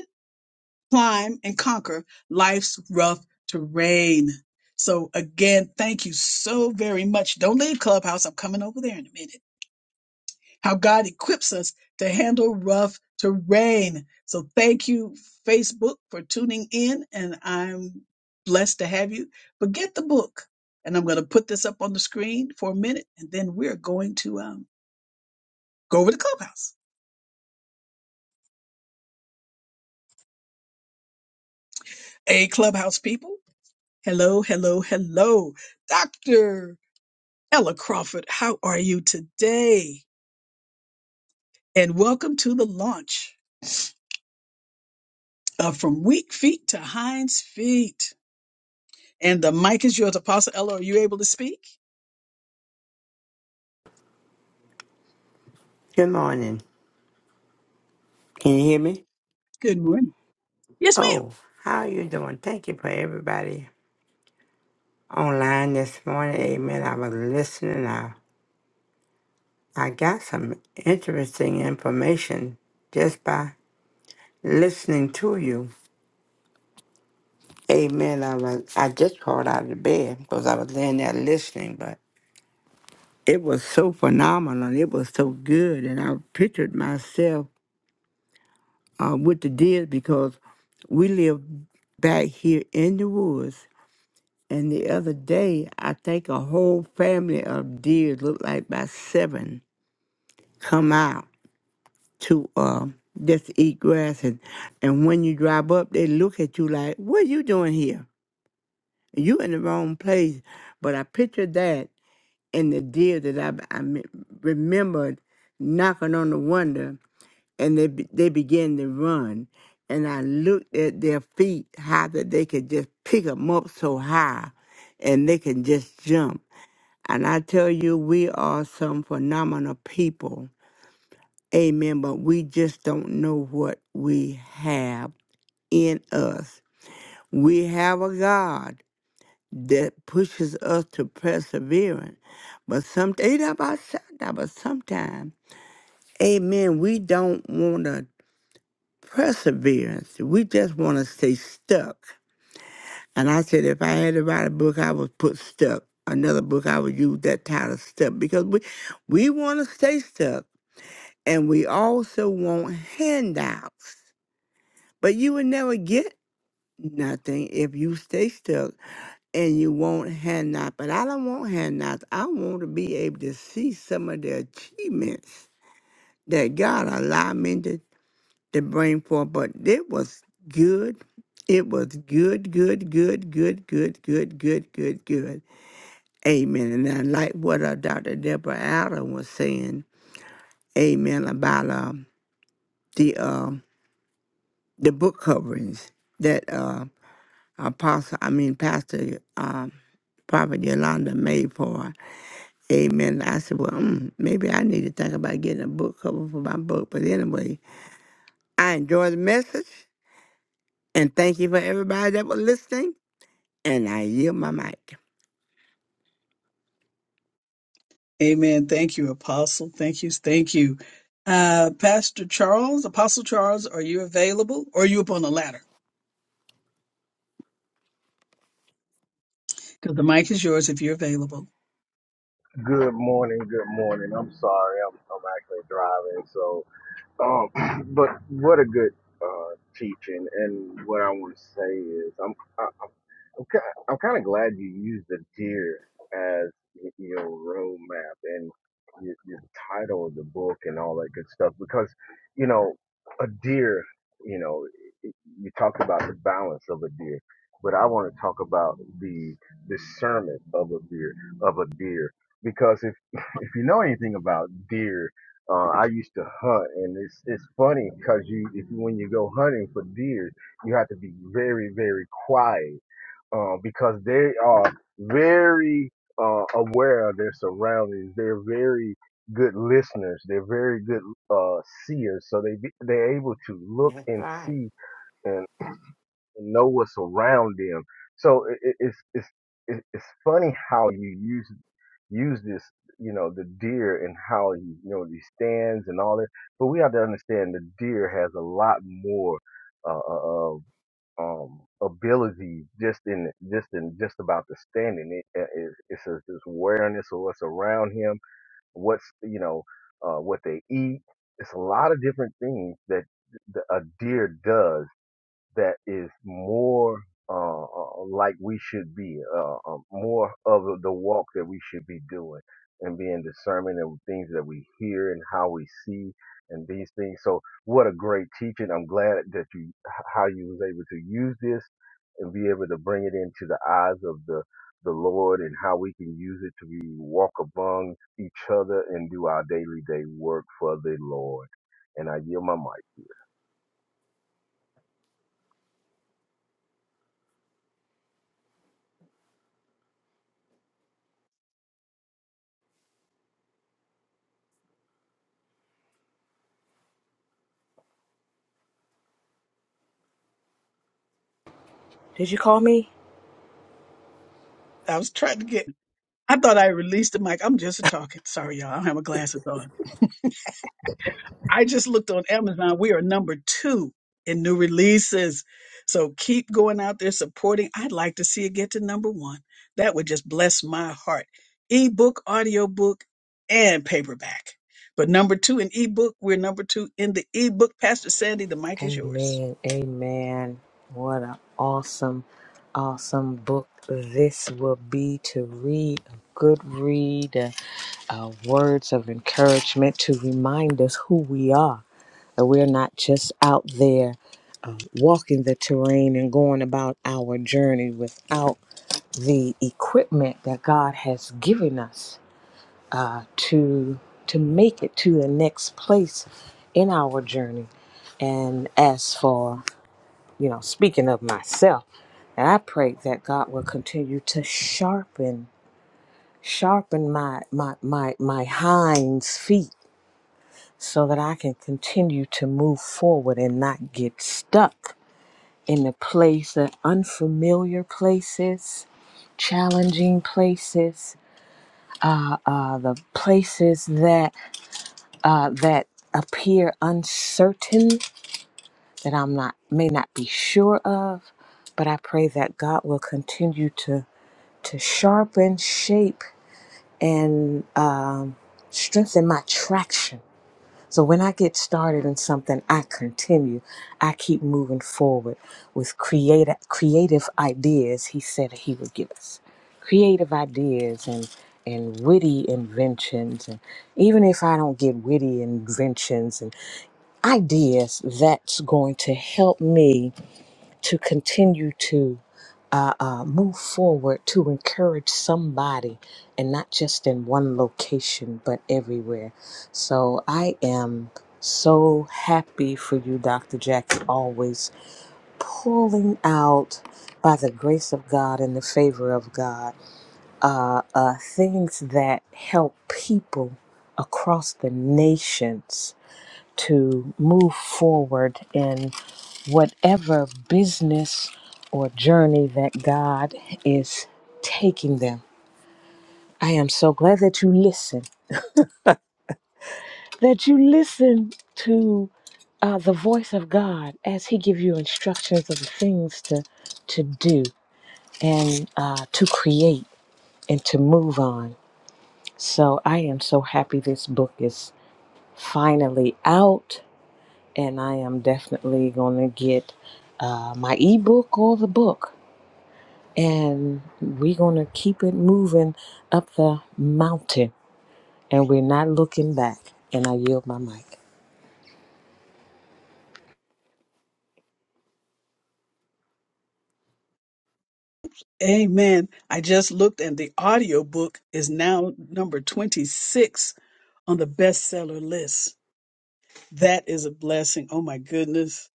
A: Climb, and Conquer Life's Rough Terrain. So, again, thank you so very much. Don't leave Clubhouse. I'm coming over there in a minute. how God equips us to handle rough terrain. So thank you, Facebook, for tuning in, and I'm blessed to have you. But get the book, and I'm going to put this up on the screen for a minute, and then we're going to um, go over to Clubhouse. Hey, Clubhouse people. Hello, hello, hello. Dr. Ella Crawford, how are you today? And welcome to the launch of From Weak Feet to Hinds Feet. And the mic is yours, Apostle Ella. Are you able to speak?
D: Good morning. Can you hear me?
A: Good morning. Yes, ma'am.
D: Oh, how are you doing? Thank you for everybody online this morning. Amen. I was listening. I, I got some interesting information just by listening to you. Amen. I was I just crawled out of bed because I was laying there listening, but it was so phenomenal. It was so good, and I pictured myself uh, with the deer because we live back here in the woods And the other day, I think a whole family of deer, looked like about seven, come out to uh, just eat grass. And, and when you drive up, they look at you like, what you doing here? You in the wrong place. But I pictured that and the deer that I, I me- remembered knocking on the window, and they, be- they began to run. And I looked at their feet, how that they could just pick them up so high and they can just jump And I tell you, we are some phenomenal people. Amen. But we just don't know what we have in us. We have a God that pushes us to perseverance. But some But sometimes, amen, we don't want to perseverance. We just want to stay stuck. And I said, if I had to write a book, I would put stuck. Another book, I would use that title stuck because we, we want to stay stuck. and we also want handouts. But you will never get nothing if you stay stuck and you want handouts. But I don't want handouts. I want to be able to see some of the achievements that God allowed me to, to bring forth. But it was good. It was good, good, good, good, good, good, good, good, good. Amen. And I like what uh, Dr. Deborah Allen was saying. Amen. About um the um the book coverings that uh, Apostle, I mean Pastor um, Prophet Yolanda made for. Amen. I said, well, mm, maybe I need to think about getting a book cover for my book. But anyway, I enjoy the message and thank you for everybody that was listening. And I yield my mic.
A: Amen. Thank you, Apostle. Thank you. Thank you. Uh, Pastor Charles, Apostle Charles, are you available? Or are you up on the ladder? Because the mic is yours if you're available.
D: That's right.
C: Everyday for the I yield
E: Did you call me?
A: I was trying to get. I thought I released the mic. I'm just talking. Sorry, y'all. I don't have my glasses on. I just looked on Amazon. We are number two in new releases. So keep going out there supporting. I'd like to see it get to number one. That would just bless my heart. Ebook, audiobook, and paperback. But number two in ebook, we're number two in the ebook. Pastor Sandy, the mic is yours.
E: Amen. Amen. What an awesome, awesome book this will be to read. A good read, uh, uh, words of encouragement to remind us who we are. That we're not just out there uh, walking the terrain and going about our journey without the equipment that God has given us. uh, to to make it to the next place in our journey. And as for you know, speaking of myself, I pray that God will continue to sharpen sharpen my my my my hinds feet so that I can continue to move forward and not get stuck in the place of unfamiliar places, challenging places, uh, uh, the places that uh, that appear uncertain that I'm not may not be sure of, but I pray that God will continue to to sharpen, shape, and um, strengthen my traction. So when I get started in something, I continue. I keep moving forward with creative creative ideas. He said that he would give us creative ideas and and witty inventions and even if I don't get witty inventions ideas that's going to help me to continue to uh, uh, move forward to encourage somebody and not just in one location but everywhere. So I am so happy for you, Dr. Jackson, always pulling out by the grace of God and the favor of God uh, uh, things that help people across the nations to move forward in whatever business or journey that God is taking them. I am so glad that you listen, that you listen to uh, the voice of God as He give you instructions of the things to to do and uh, to create and to move on. So I am so happy this book is finally out. and I am definitely gonna get uh, my ebook or the book, and we're gonna keep it moving up the mountain, and we're not looking back. And I yield my mic.
A: Amen. I just looked and the audiobook is now number 26 on the bestseller list. That is a blessing. Oh my goodness.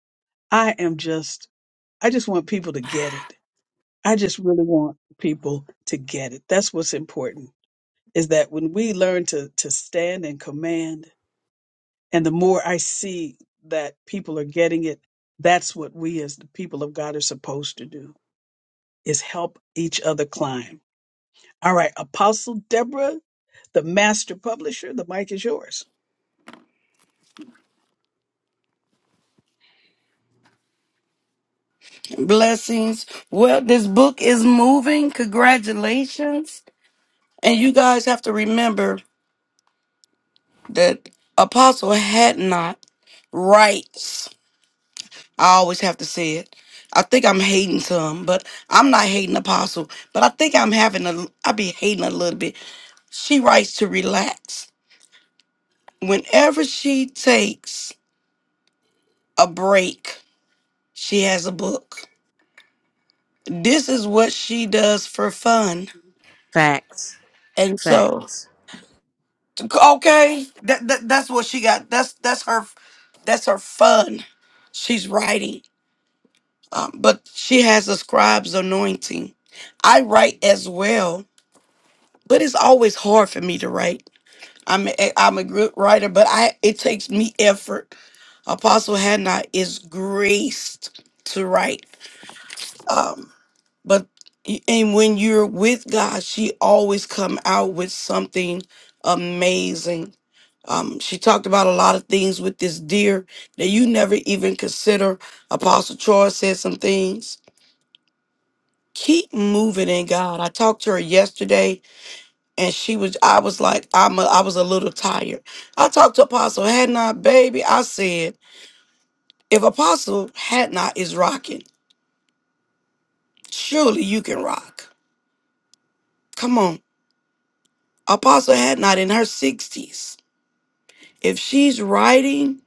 A: I am just, I just want people to get it. I just really want people to get it. That's what's important is that when we learn to, to stand and command, and the more I see that people are getting it, that's what we as the people of God are supposed to do is help each other climb. All right, Apostle Deborah, the master publisher, the mic is yours.
F: Blessings. Well, this book is moving. Congratulations. And you guys have to remember that Apostle had not rights. I always have to say it. I think I'm hating some, but I'm not hating Apostle. But I think I'm having a, I be hating a little bit. She writes to relax. Whenever she takes a break, she has a book. This is what she does for fun.
E: Facts,
F: And so
E: facts.
F: Okay, that, that that's what she got. That's that's her, that's her fun. She's writing, um, but she has a scribe's anointing. I write as well, but it's always hard for me to write. I'm a, I'm a good writer, but I it takes me effort. Apostle Hannah is graced to write. Um, but and when you're with God, she always come out with something amazing. Um, she talked about a lot of things with this deer that you never even consider. Apostle Troy said some things. Keep moving in God. I talked to her yesterday, and she was. I was like, I'm. A, I was a little tired. I talked to Apostle Had Not, baby. I said, if Apostle Had Not is rocking, surely you can rock. Come on. Apostle had not in her 60s. If she's writing,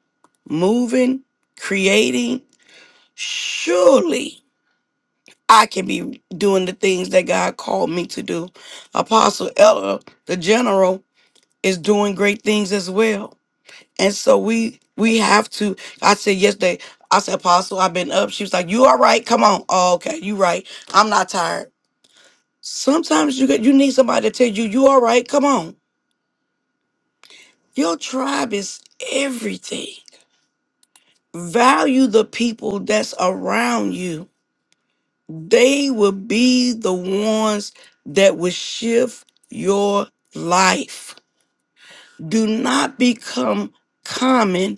F: moving, creating, surely I can be doing the things that God called me to do. Apostle Ella, the general, is doing great things as well. And so we we have to. I said yesterday, I said, Apostle, I've been up. She was like, You all right? Come on. Oh, okay, you right. I'm not tired. Sometimes you get you need somebody to tell you, you all right, come on. Your tribe is everything. Value the people that's around you. They will be the ones that will shift your life. Do not become common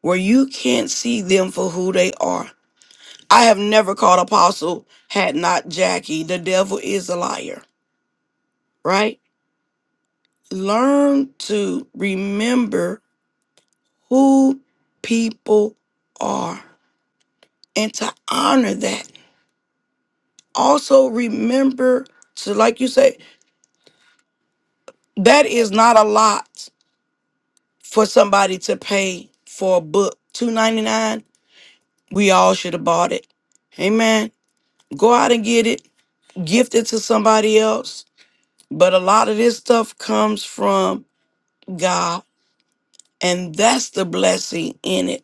F: where you can't see them for who they are. I have never called apostle had not Jackie. The devil is a liar, right? Learn to remember who people are and to honor that also remember to like you say that is not a lot for somebody to pay for a book 299 we all should have bought it amen go out and get it gift it to somebody else but a lot of this stuff comes from god and that's the blessing in it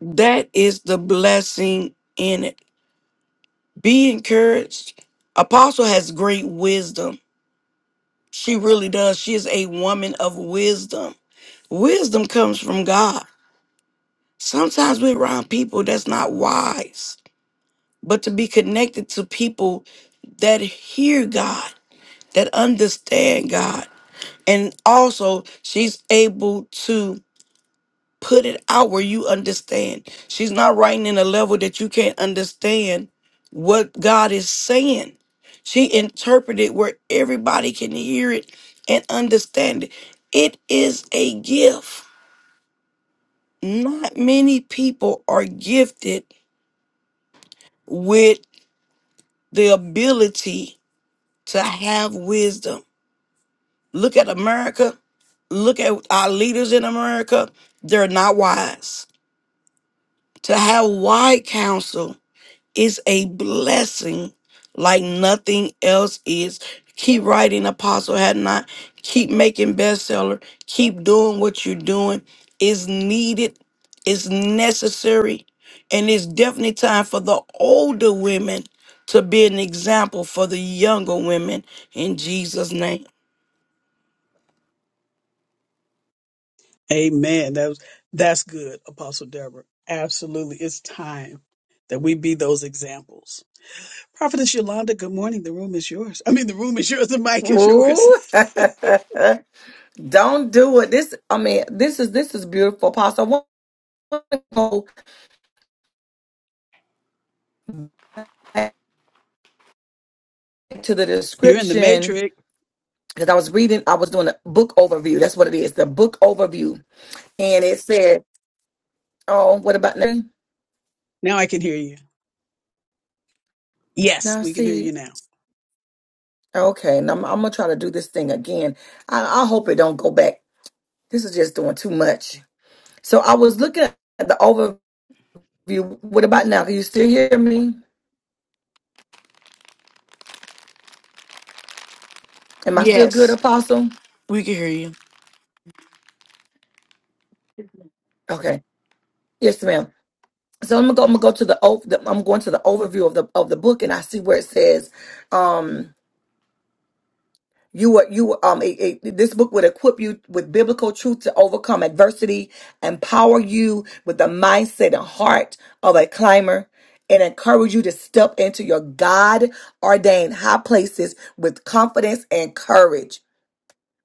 F: that is the blessing in it be encouraged apostle has great wisdom she really does she is a woman of wisdom Wisdom comes from God. Sometimes we're around people that's not wise, but to be connected to people that hear God, that understand God. And also, she's able to put it out where you understand. She's not writing in a level that you can't understand what God is saying. She interpreted where everybody can hear it and understand it. It is a gift. not many people are gifted with the ability to have wisdom. Look at America. Look at our leaders in America. They're not wise. To have wise counsel is a blessing like nothing else is. Keep writing, Apostle Had Not. Keep making bestseller. Keep doing what you're doing. It's needed, it's necessary, and it's definitely time for the older women to be an example for the younger women in Jesus' name.
A: Amen. That was, that's good, Apostle Deborah. Absolutely. It's time that we be those examples. Prophetess Yolanda, good morning. The room is yours. I mean, the room is yours. The mic is yours.
G: Ooh. Don't do it. This, I mean, this is this is beautiful, Apostle. I want to go back to the
A: You're in the
G: description
A: matrix.
G: because I was reading, I was doing a book overview. That's what it is, the book overview, and it said, "Oh, what about now?
A: Now I can hear you. Yes,
G: Now
A: we can hear you
G: see,
A: now.
G: okay, now I'm, I'm gonna try to do this thing again. I, I hope it don't go back. This is just doing too much." So I was looking at the overview. What about now? Can you still hear me? Am I still good,
F: Yes,
G: Apostle?
F: we can hear you.
G: Okay. Yes, ma'am. So I'm gonna go. I'm gonna go to the, ov- the. I'm going to the overview of the of the book, and I see where it says, um, you were you were, um. It, it- this book would equip you with biblical truth to overcome adversity, empower you with the mindset and heart of a climber, and encourage you to step into your God ordained high places with confidence and courage.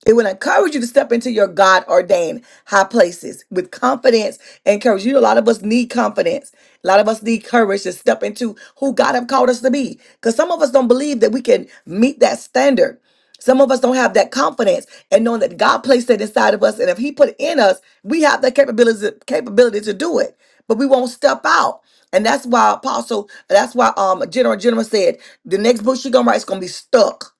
G: It will encourage you to step into your God ordained high places with confidence and courage. You know, a lot of us need confidence. A lot of us need courage to step into who God have called us to be. Because some of us don't believe that we can meet that standard. Some of us don't have that confidence and knowing that God placed it inside of us. And if He put it in us, we have the capability, capability to do it. But we won't step out. And that's why Apostle, that's why um General General said the next book she's gonna write is gonna be stuck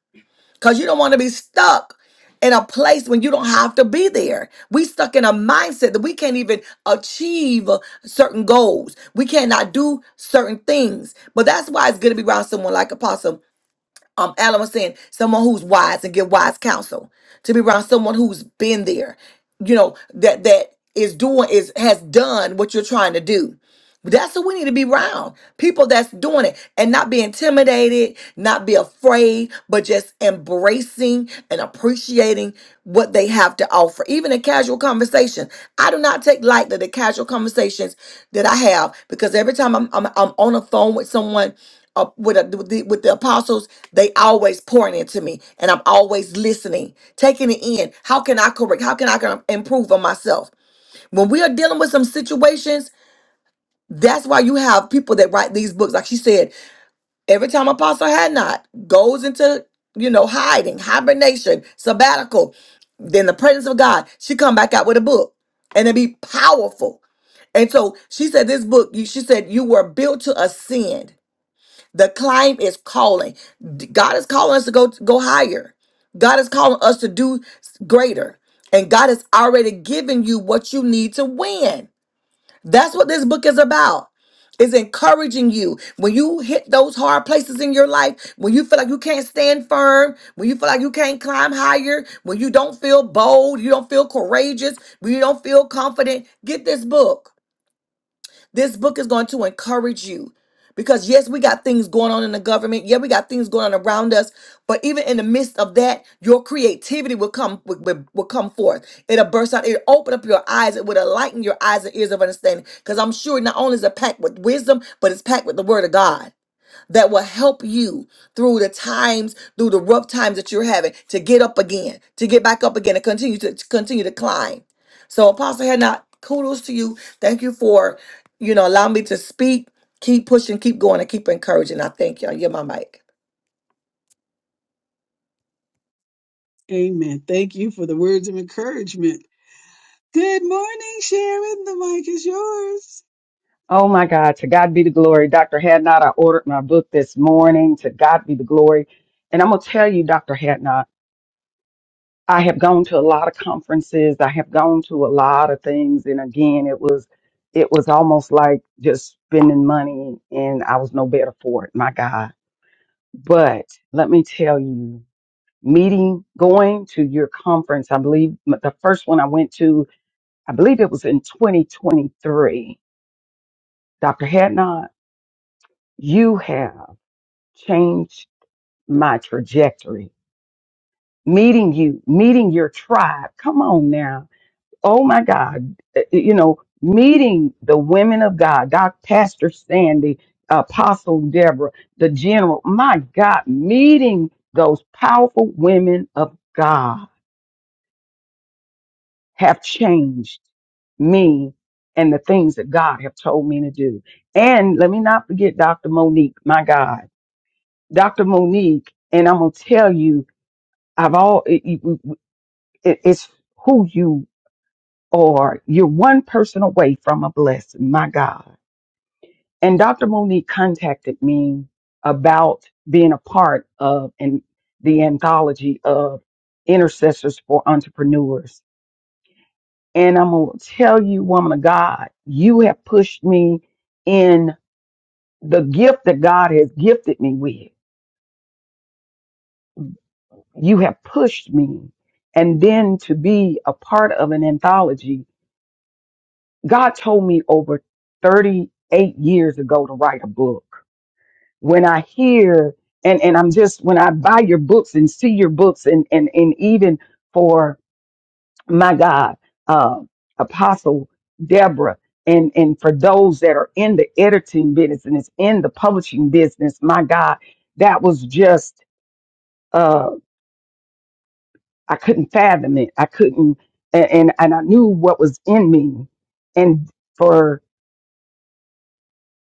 G: because you don't want to be stuck in a place when you don't have to be there. We stuck in a mindset that we can't even achieve certain goals. We cannot do certain things. But that's why it's good to be around someone like Apostle um, Alan was saying, someone who's wise and give wise counsel. To be around someone who's been there, you know, that that is doing is has done what you're trying to do that's who we need to be around. People that's doing it and not be intimidated, not be afraid, but just embracing and appreciating what they have to offer. Even in casual conversation. I do not take lightly the casual conversations that I have because every time I'm I'm, I'm on a phone with someone uh, with, a, with, the, with the apostles, they always pouring into me and I'm always listening, taking it in. How can I correct? How can I can improve on myself? When we are dealing with some situations, that's why you have people that write these books. Like she said, every time Apostle had not goes into, you know, hiding, hibernation, sabbatical, then the presence of God, she come back out with a book and it be powerful. And so she said, this book, you, she said, you were built to ascend. The climb is calling. D- God is calling us to go, go higher. God is calling us to do greater. And God has already given you what you need to win. That's what this book is about. Is encouraging you when you hit those hard places in your life, when you feel like you can't stand firm, when you feel like you can't climb higher, when you don't feel bold, you don't feel courageous, when you don't feel confident. Get this book. This book is going to encourage you because, yes, we got things going on in the government. Yeah, we got things going on around us. But even in the midst of that, your creativity will come will, will will come forth. It'll burst out. It'll open up your eyes. It will enlighten your eyes and ears of understanding. Because I'm sure not only is it packed with wisdom, but it's packed with the word of God that will help you through the times, through the rough times that you're having to get up again, to get back up again and continue to, to continue to climb. So Apostle had not kudos to you. Thank you for, you know, allowing me to speak. Keep pushing, keep going, and keep encouraging. I thank you. You're my mic.
A: Amen. Thank you for the words of encouragement. Good morning, Sharon. The mic is yours.
H: Oh my God, to God be the glory. Dr. Hadnot, I ordered my book this morning. To God be the glory. And I'm going to tell you, Dr. Hadnot, I have gone to a lot of conferences. I have gone to a lot of things. And again, it was, it was almost like just spending money and I was no better for it. My God. But let me tell you, meeting, going to your conference, I believe the first one I went to, I believe it was in 2023. Dr. Hadnot, you have. change my trajectory. Meeting you, meeting your tribe. Come on now. Oh my God. Uh, uh, You know, meeting the women of God, Doc, Pastor Sandy, Apostle Deborah, the general. My God, meeting those powerful women of God have changed me and the things that God have told me to do. And let me not forget Dr. Monique, my God. Dr. Monique, and I'm going to tell you I've all it, it- it- it's who you are. You're one person away from a blessing, my God. And Dr. Monique contacted me about being a part of and the anthology of intercessors for entrepreneurs. And I'm gonna tell you, woman of God, you have pushed me in the gift that God has gifted me with. You have pushed me. And then to be a part of an anthology God told me over 38 years ago to write a book. When I hear and, and I'm just when I buy your books and see your books and and, and even for my God, uh, Apostle Deborah and and for those that are in the editing business and it's in the publishing business, my God, that was just uh I couldn't fathom it. I couldn't and and, and I knew what was in me. And for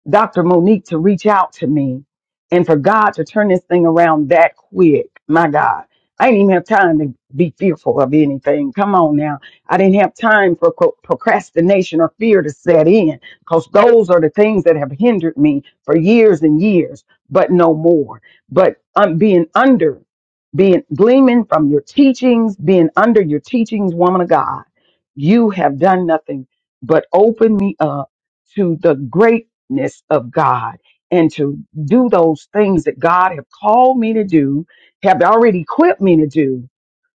H: Dr. Monique to reach out to me and for God to turn this thing around that quick. My God, I didn't even have time to be fearful of anything. Come on now. I didn't have time for co- procrastination or fear to set in because those are the things that have hindered me for years and years, but no more. But um, being under, being gleaming from your teachings, being under your teachings, woman of God, you have done nothing but open me up to the great greatness of God and to do those things that God have called me to do, have already equipped me to do,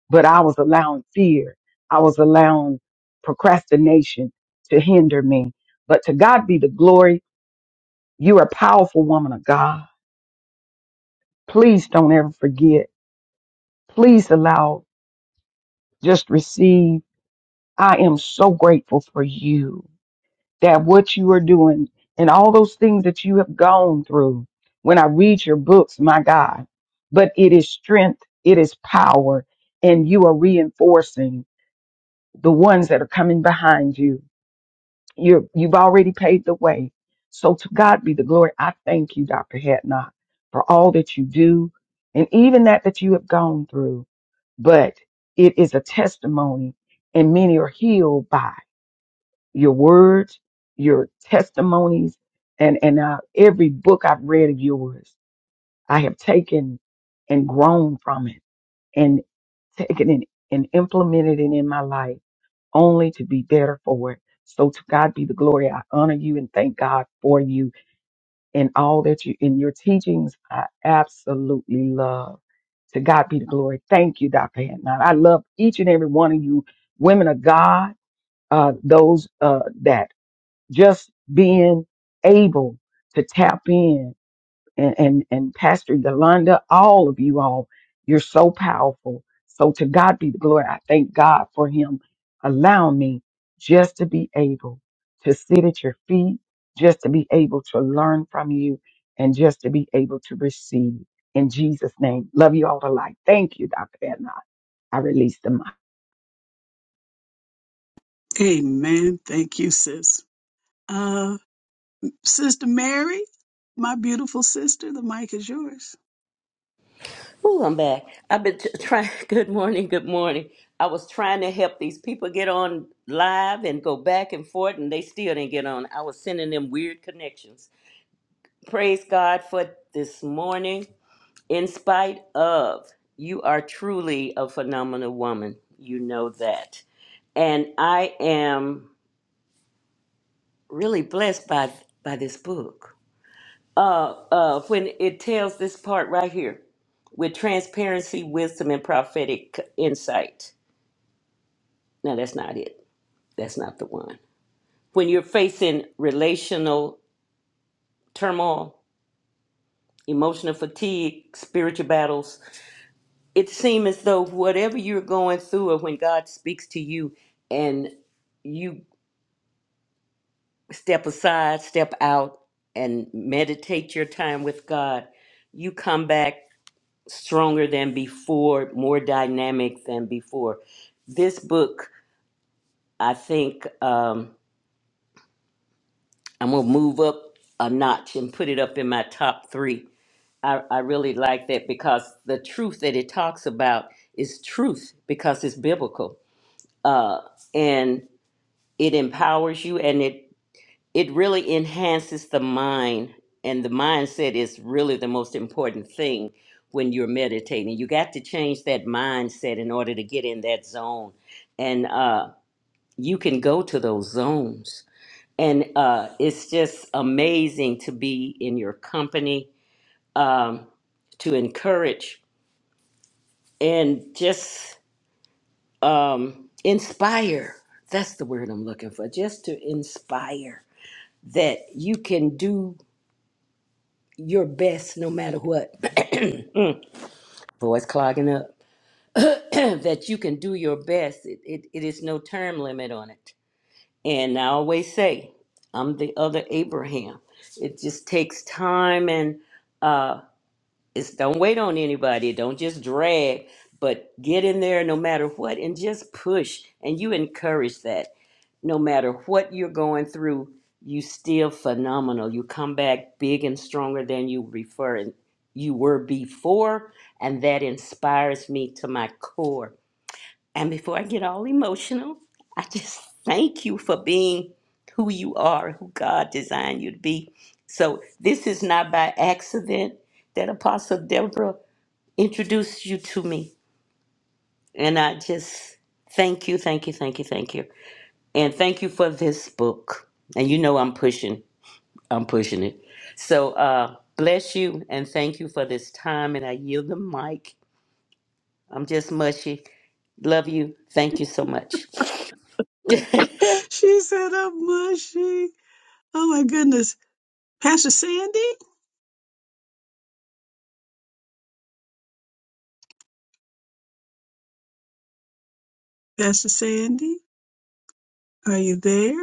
H: but I was allowing fear. I was allowing procrastination to hinder me. But to God be the glory. You're a powerful woman of God. Please don't ever forget. Please allow, just receive. I am so grateful for you. that what you are doing and all those things that you have gone through. When I read your books, my God, but it is strength, it is power, and you are reinforcing the ones that are coming behind you. You're, you've already paved the way. So to God be the glory. I thank you, Dr. Hatnot, for all that you do and even that that you have gone through. But it is a testimony and many are healed by your words, your testimonies, and and uh, every book I've read of yours, I have taken and grown from it, and taken it and implemented it in my life, only to be better for it. So to God be the glory. I honor you and thank God for you and all that you in your teachings. I absolutely love. To God be the glory. Thank you, Dr. Hadnot. I love each and every one of you, women of God, uh, those uh, that just being able to tap in and, and, and Pastor Yolanda, all of you all, you're so powerful. So to God be the glory. I thank God for him allowing me just to be able to sit at your feet, just to be able to learn from you and just to be able to receive in Jesus name. Love you all alike. Thank you, Dr. Adnan. I release the mic.
A: Amen. Thank you, sis. Uh, Sister Mary, my beautiful sister, the mic is yours.
B: Oh, I'm back. I've been t- trying. Good morning. Good morning. I was trying to help these people get on live and go back and forth, and they still didn't get on. I was sending them weird connections. Praise God for this morning. In spite of, you are truly a phenomenal woman. You know that. And I am really blessed by by this book. Uh, uh, when it tells this part right here, with transparency, wisdom, and prophetic insight. No, that's not it. That's not the one. When you're facing relational turmoil, emotional fatigue, spiritual battles, it seems as though whatever you're going through or when God speaks to you and you step aside, step out and meditate your time with God, you come back stronger than before, more dynamic than before. This book, I think um, I'm going to move up a notch and put it up in my top three. I, I really like that because the truth that it talks about is truth because it's biblical. Uh, and it empowers you and it it really enhances the mind and the mindset is really the most important thing when you're meditating you got to change that mindset in order to get in that zone and uh you can go to those zones and uh it's just amazing to be in your company um to encourage and just um inspire that's the word i'm looking for just to inspire that you can do your best no matter what. Mm, Voice clogging up. that you can do your best. It, it, it is no term limit on it. And I always say, I'm the other Abraham. It just takes time and uh, it's don't wait on anybody. Don't just drag, but get in there no matter what and just push. And you encourage that. No matter what you're going through, you still phenomenal. You come back big and stronger than you refer and you were before, and that inspires me to my core and before I get all emotional, I just thank you for being who you are, who God designed you to be. So this is not by accident that Apostle Deborah introduced you to me. And I just thank you, thank you, thank you, thank you. And thank you for this book. And you know I'm pushing, I'm pushing it. So uh bless you and thank you for this time. And I yield the mic. I'm just mushy. Love you. Thank you so much.
A: She said, I'm mushy. Oh my goodness. Pastor Sandy? Pastor Sandy, are you there?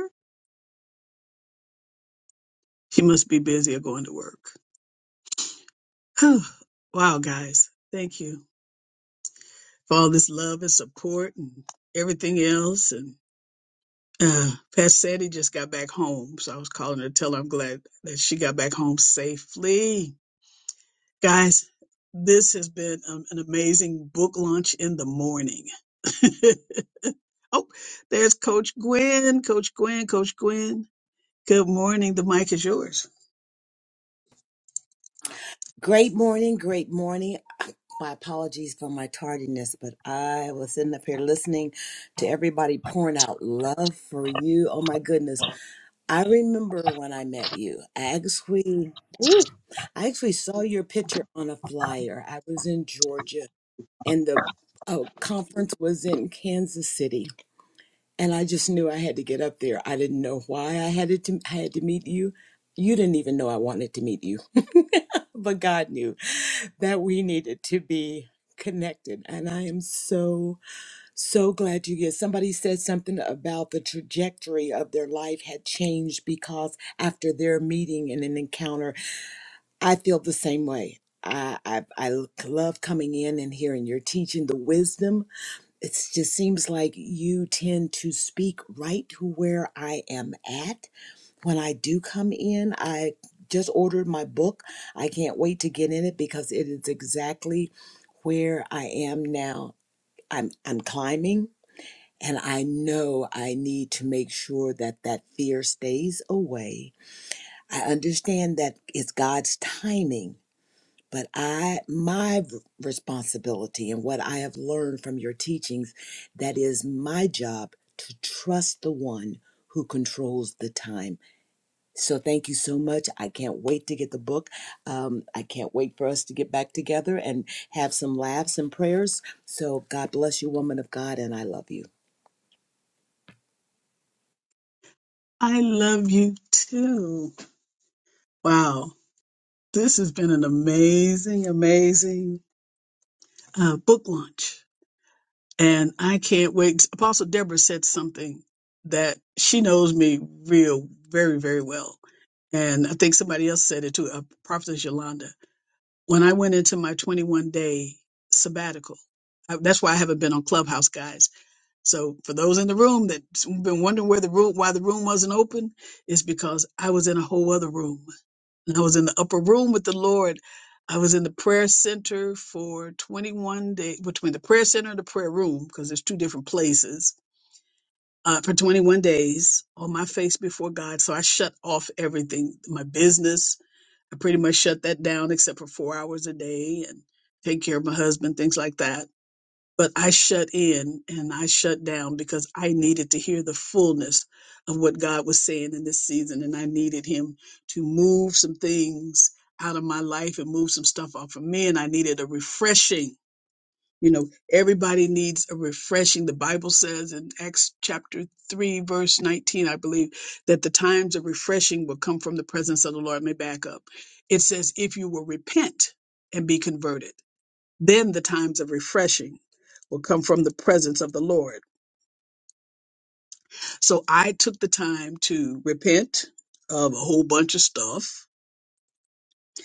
A: She must be busy or going to work. Oh, wow, guys. Thank you for all this love and support and everything else. And uh, Pastor Sandy just got back home. So I was calling her to tell her I'm glad that she got back home safely. Guys, this has been um, an amazing book launch in the morning. oh, there's Coach Gwen. Coach Gwen, Coach Gwen. Good morning. The mic is yours.
I: Great morning, great morning. My apologies for my tardiness, but I was sitting up here listening to everybody pouring out love for you. Oh my goodness. I remember when I met you. I actually I actually saw your picture on a flyer. I was in Georgia and the uh, conference was in Kansas City and I just knew I had to get up there. I didn't know why I had it to I had to meet you. You didn't even know I wanted to meet you. but God knew that we needed to be connected. And I am so, so glad you get somebody said something about the trajectory of their life had changed because after their meeting and an encounter, I feel the same way. I, I I love coming in and hearing your teaching, the wisdom it just seems like you tend to speak right to where I am at. When I do come in, I just ordered my book. I can't wait to get in it because it is exactly where I am now. I'm I'm climbing and I know I need to make sure that that fear stays away. I understand that it's God's timing but I, my v- responsibility and what I have learned from your teachings, that is my job to trust the one who controls the time. So thank you so much. I can't wait to get the book. Um, I can't wait for us to get back together and have some laughs and prayers. So God bless you, woman of God, and I love you.
A: I love you too. Wow. This has been an amazing, amazing uh, book launch. And I can't wait. Apostle Deborah said something that she knows me real, very, very well. And I think somebody else said it too, uh, Prophetess Yolanda. When I went into my 21 day sabbatical, I, that's why I haven't been on Clubhouse, guys. So for those in the room that's been wondering where the room, why the room wasn't open, is because I was in a whole other room. And I was in the upper room with the Lord. I was in the prayer center for 21 days, between the prayer center and the prayer room, because there's two different places, uh, for 21 days on my face before God. So I shut off everything, my business. I pretty much shut that down except for four hours a day and take care of my husband, things like that but I shut in and I shut down because I needed to hear the fullness of what God was saying in this season. And I needed Him to move some things out of my life and move some stuff off of me. And I needed a refreshing. You know, everybody needs a refreshing. The Bible says in Acts chapter 3, verse 19, I believe, that the times of refreshing will come from the presence of the Lord. Let me back up. It says, if you will repent and be converted. Then the times of refreshing will come from the presence of the Lord. So I took the time to repent of a whole bunch of stuff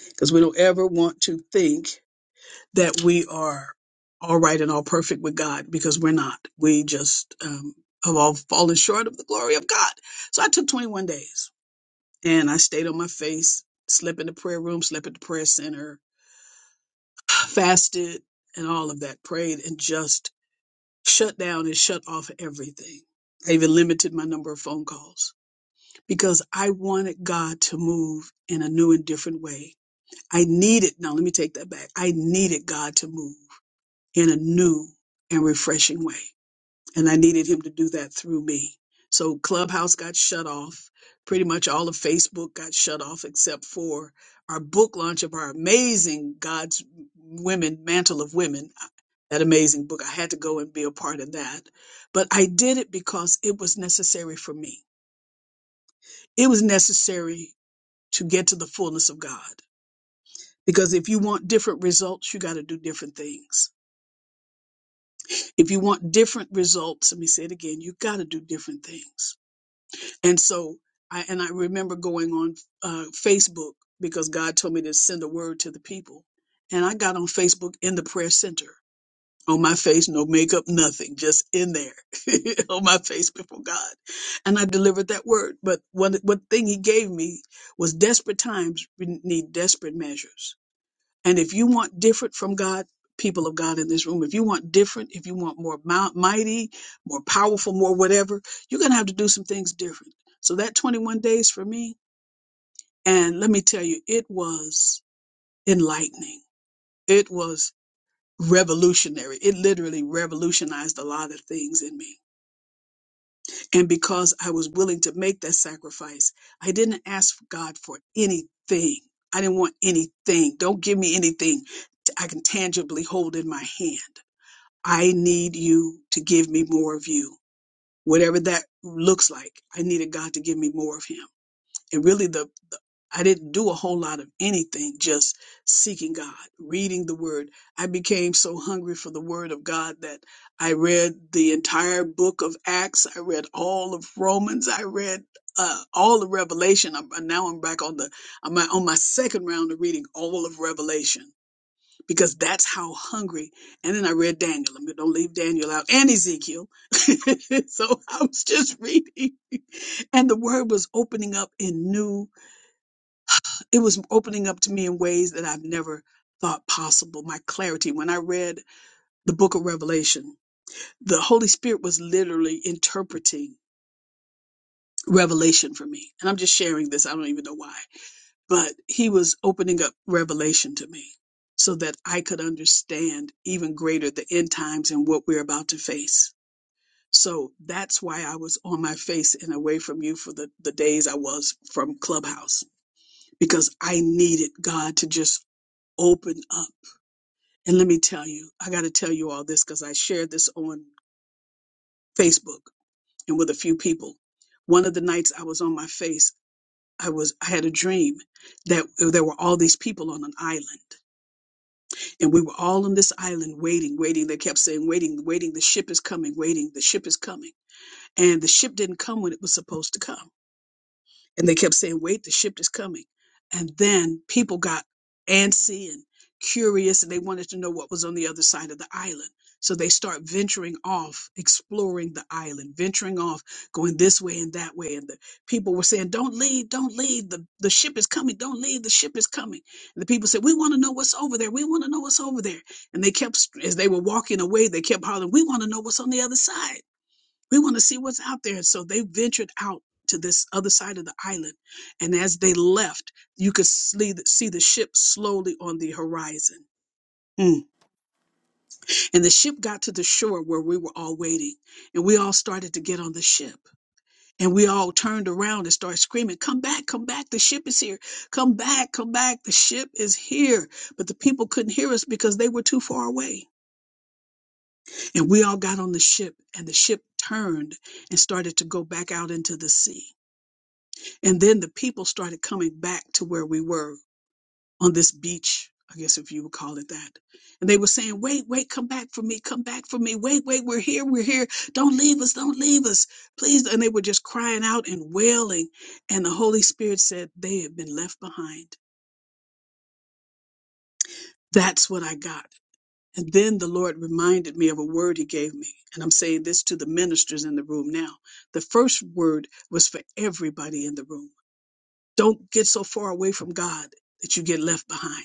A: because we don't ever want to think that we are all right and all perfect with God because we're not. We just um, have all fallen short of the glory of God. So I took 21 days and I stayed on my face, slept in the prayer room, slept at the prayer center, fasted and all of that, prayed and just shut down and shut off everything. I even limited my number of phone calls because I wanted God to move in a new and different way. I needed, now let me take that back. I needed God to move in a new and refreshing way and I needed him to do that through me. So Clubhouse got shut off. Pretty much all of Facebook got shut off except for our book launch of our amazing God's Women, Mantle of Women. uh, That amazing book. I had to go and be a part of that. But I did it because it was necessary for me. It was necessary to get to the fullness of God. Because if you want different results, you got to do different things. If you want different results, let me say it again, you got to do different things and so I and I remember going on uh, Facebook because God told me to send a word to the people, and I got on Facebook in the prayer center on my face, no makeup, nothing, just in there on my face before God, and I delivered that word. But one one thing He gave me was desperate times need desperate measures and if you want different from God, people of God in this room, if you want different, if you want more mou- mighty, more powerful, more whatever, you're going to have to do some things different. So that 21 days for me, and let me tell you, it was enlightening. It was revolutionary. It literally revolutionized a lot of things in me. And because I was willing to make that sacrifice, I didn't ask God for anything. I didn't want anything. Don't give me anything I can tangibly hold in my hand. I need you to give me more of you, whatever that looks like. I needed God to give me more of Him. And really, the, the I didn't do a whole lot of anything, just seeking God, reading the Word. I became so hungry for the Word of God that I read the entire book of Acts. I read all of Romans. I read uh, all of Revelation. I'm, now I'm back on the I'm on my second round of reading all of Revelation because that's how hungry. And then I read Daniel. I'm- Don't leave Daniel out and Ezekiel. so I was just reading. And the word was opening up in new, it was opening up to me in ways that I've never thought possible. My clarity. When I read the book of Revelation, the Holy Spirit was literally interpreting revelation for me. And I'm just sharing this. I don't even know why. but he was opening up revelation to me so that I could understand even greater the end times and what we're about to face. So that's why I was on my face and away from you for the, the days I was from Clubhouse because I needed God to just open up. And let me tell you, I got to tell you all this because I shared this on Facebook and with a few people. One of the nights I was on my face, I was I had a dream that there were all these people on an island And we were all on this island waiting, waiting. They kept saying, waiting, waiting. The ship is coming, waiting. The ship is coming. And the ship didn't come when it was supposed to come and they kept saying, "Wait, the ship is coming." And then people got antsy and curious, and they wanted to know what was on the other side of the island. So they start venturing off, exploring the island, venturing off, going this way and that way. And the people were saying, "Don't leave, don't leave. The the ship is coming. Don't leave. The ship is coming." And the people said, "We want to know what's over there. We want to know what's over there." And they kept, as they were walking away, they kept hollering, "We want to know what's on the other side." We want to see what's out there. So they ventured out to this other side of the island. And as they left, you could see the, see the ship slowly on the horizon. Mm. And the ship got to the shore where we were all waiting. And we all started to get on the ship. And we all turned around and started screaming, Come back, come back, the ship is here. Come back, come back, the ship is here. But the people couldn't hear us because they were too far away. And we all got on the ship, and the ship turned and started to go back out into the sea. And then the people started coming back to where we were on this beach, I guess if you would call it that. And they were saying, wait, wait, come back for me, come back for me. Wait, wait, we're here, we're here. Don't leave us, don't leave us, please. And they were just crying out and wailing. And the Holy Spirit said, they have been left behind. That's what I got. And then the Lord reminded me of a word he gave me. And I'm saying this to the ministers in the room now. The first word was for everybody in the room. Don't get so far away from God that you get left behind.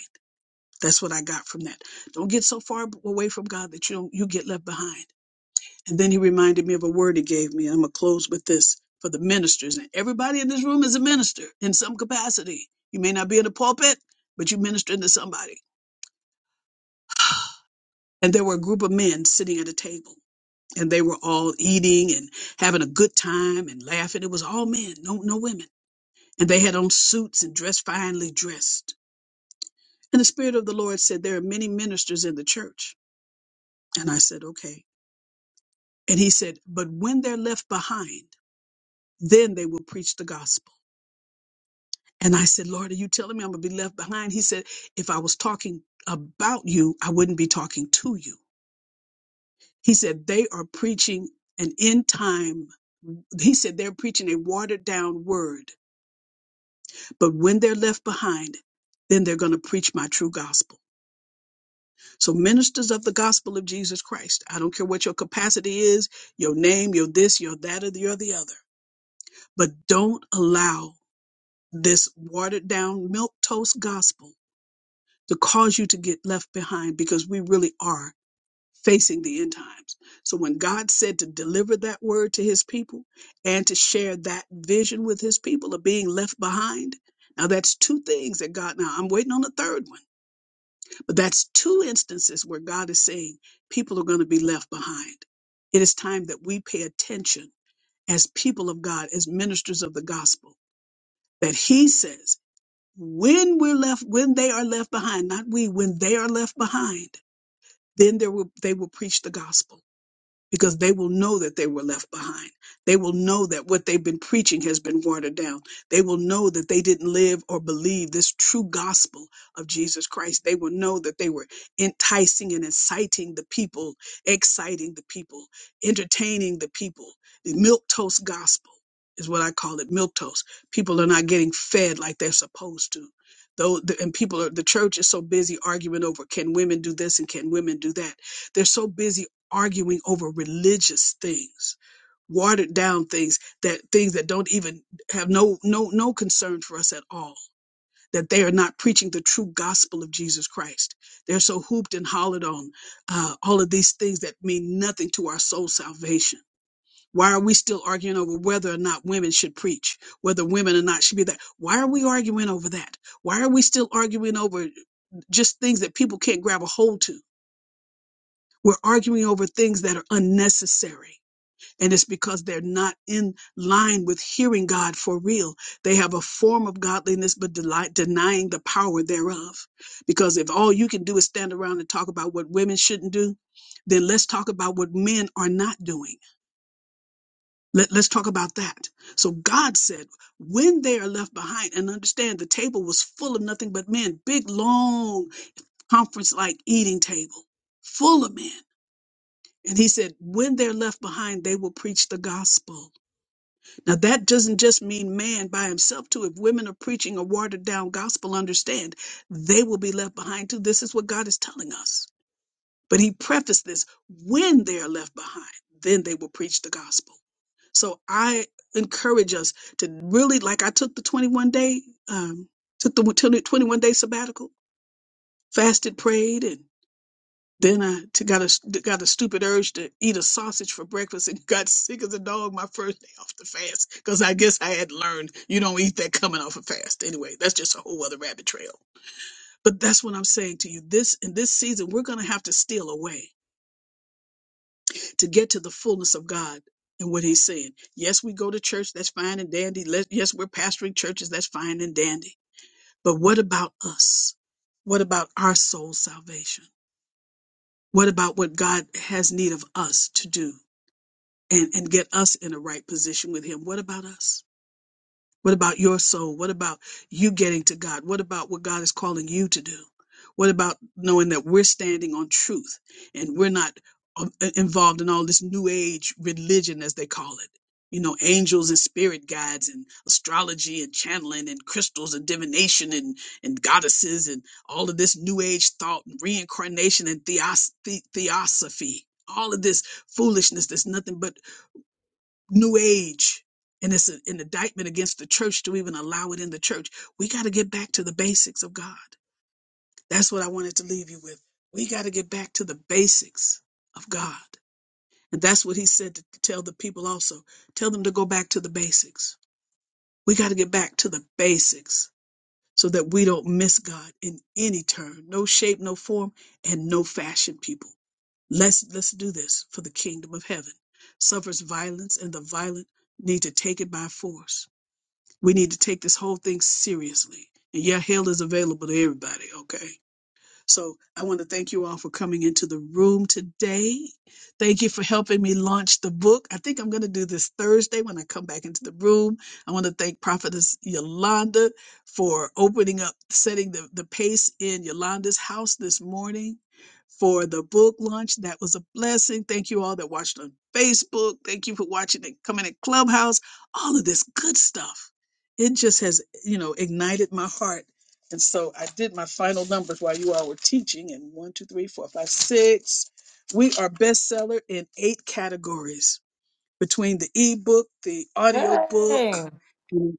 A: That's what I got from that. Don't get so far away from God that you don't, you get left behind. And then he reminded me of a word he gave me. I'm gonna close with this for the ministers. And everybody in this room is a minister in some capacity. You may not be in the pulpit, but you ministering to somebody. And there were a group of men sitting at a table, and they were all eating and having a good time and laughing. It was all men, no no women. And they had on suits and dressed finely dressed. And the Spirit of the Lord said, There are many ministers in the church. And I said, Okay. And he said, But when they're left behind, then they will preach the gospel. And I said, Lord, are you telling me I'm going to be left behind? He said, If I was talking about you, I wouldn't be talking to you. He said, They are preaching an end time. He said, They're preaching a watered down word. But when they're left behind, then they're going to preach my true gospel. So, ministers of the gospel of Jesus Christ, I don't care what your capacity is, your name, your this, your that, or the, or the other, but don't allow this watered down milk toast gospel to cause you to get left behind because we really are facing the end times. So, when God said to deliver that word to his people and to share that vision with his people of being left behind, now that's two things that God, now I'm waiting on the third one But that's two instances where God is saying people are going to be left behind. It is time that we pay attention as people of God, as ministers of the gospel, that He says, when we're left, when they are left behind, not we, when they are left behind, then there will, they will preach the gospel because they will know that they were left behind. They will know that what they've been preaching has been watered down. They will know that they didn't live or believe this true gospel of Jesus Christ. They will know that they were enticing and inciting the people, exciting the people, entertaining the people. The milk gospel is what I call it, milk People are not getting fed like they're supposed to. Though the, and people are the church is so busy arguing over can women do this and can women do that they're so busy arguing over religious things watered down things that things that don't even have no no no concern for us at all that they are not preaching the true gospel of jesus christ they're so hooped and hollered on uh, all of these things that mean nothing to our soul salvation why are we still arguing over whether or not women should preach whether women or not should be that why are we arguing over that why are we still arguing over just things that people can't grab a hold to we're arguing over things that are unnecessary and it's because they're not in line with hearing God for real. They have a form of godliness, but deli- denying the power thereof. Because if all you can do is stand around and talk about what women shouldn't do, then let's talk about what men are not doing. Let, let's talk about that. So God said, when they are left behind, and understand the table was full of nothing but men, big, long conference like eating table, full of men. And he said, when they're left behind, they will preach the gospel Now, that doesn't just mean man by himself, too. If women are preaching a watered down gospel, understand they will be left behind, too. This is what God is telling us. But he prefaced this when they are left behind, then they will preach the gospel. So I encourage us to really, like I took the 21 day, um, took the 21 day sabbatical, fasted, prayed, and then I t- got a got a stupid urge to eat a sausage for breakfast and got sick as a dog my first day off the fast because I guess I had learned you don't eat that coming off a fast. Anyway, that's just a whole other rabbit trail. But that's what I'm saying to you. This in this season, we're gonna have to steal away to get to the fullness of God and what He's saying. Yes, we go to church. That's fine and dandy. Let, yes, we're pastoring churches. That's fine and dandy. But what about us? What about our soul salvation? What about what God has need of us to do? and, and get us in a right position with Him. What about us? What about your soul? What about you getting to God? What about what God is calling you to do? What about knowing that we're standing on truth and we're not um, i- involved in all this new age religion, as they call it? You know, angels and spirit guides and astrology and channeling and crystals and divination and, and goddesses and all of this new age thought and reincarnation and theos- the- theosophy. All of this foolishness that's nothing but new age and it's a- an indictment against the church to even allow it in the church we got to get back to the basics of god that's what i wanted to leave you with we got to get back to the basics of god and that's what he said to tell the people also tell them to go back to the basics we got to get back to the basics so that we don't miss god in any turn no shape no form and no fashion people let's let's do this for the kingdom of heaven suffers violence and the violent need to take it by force We need to take this whole thing seriously. And yeah, hell is available to everybody, okay? So I want to thank you all for coming into the room today. Thank you for helping me launch the book. I think I'm going to do this Thursday when I come back into the room. I want to thank Prophetess Yolanda for opening up, setting the, the pace in Yolanda's house this morning for the book launch. That was a blessing. Thank you all that watched on Facebook. Thank you for watching and coming in Clubhouse. All of this good stuff. It just has, you know, ignited my heart and so I did my final numbers while you all were teaching, and one, two, three, four, five, six. We are bestseller in eight categories between the ebook, the
G: Yay.
A: audiobook. and-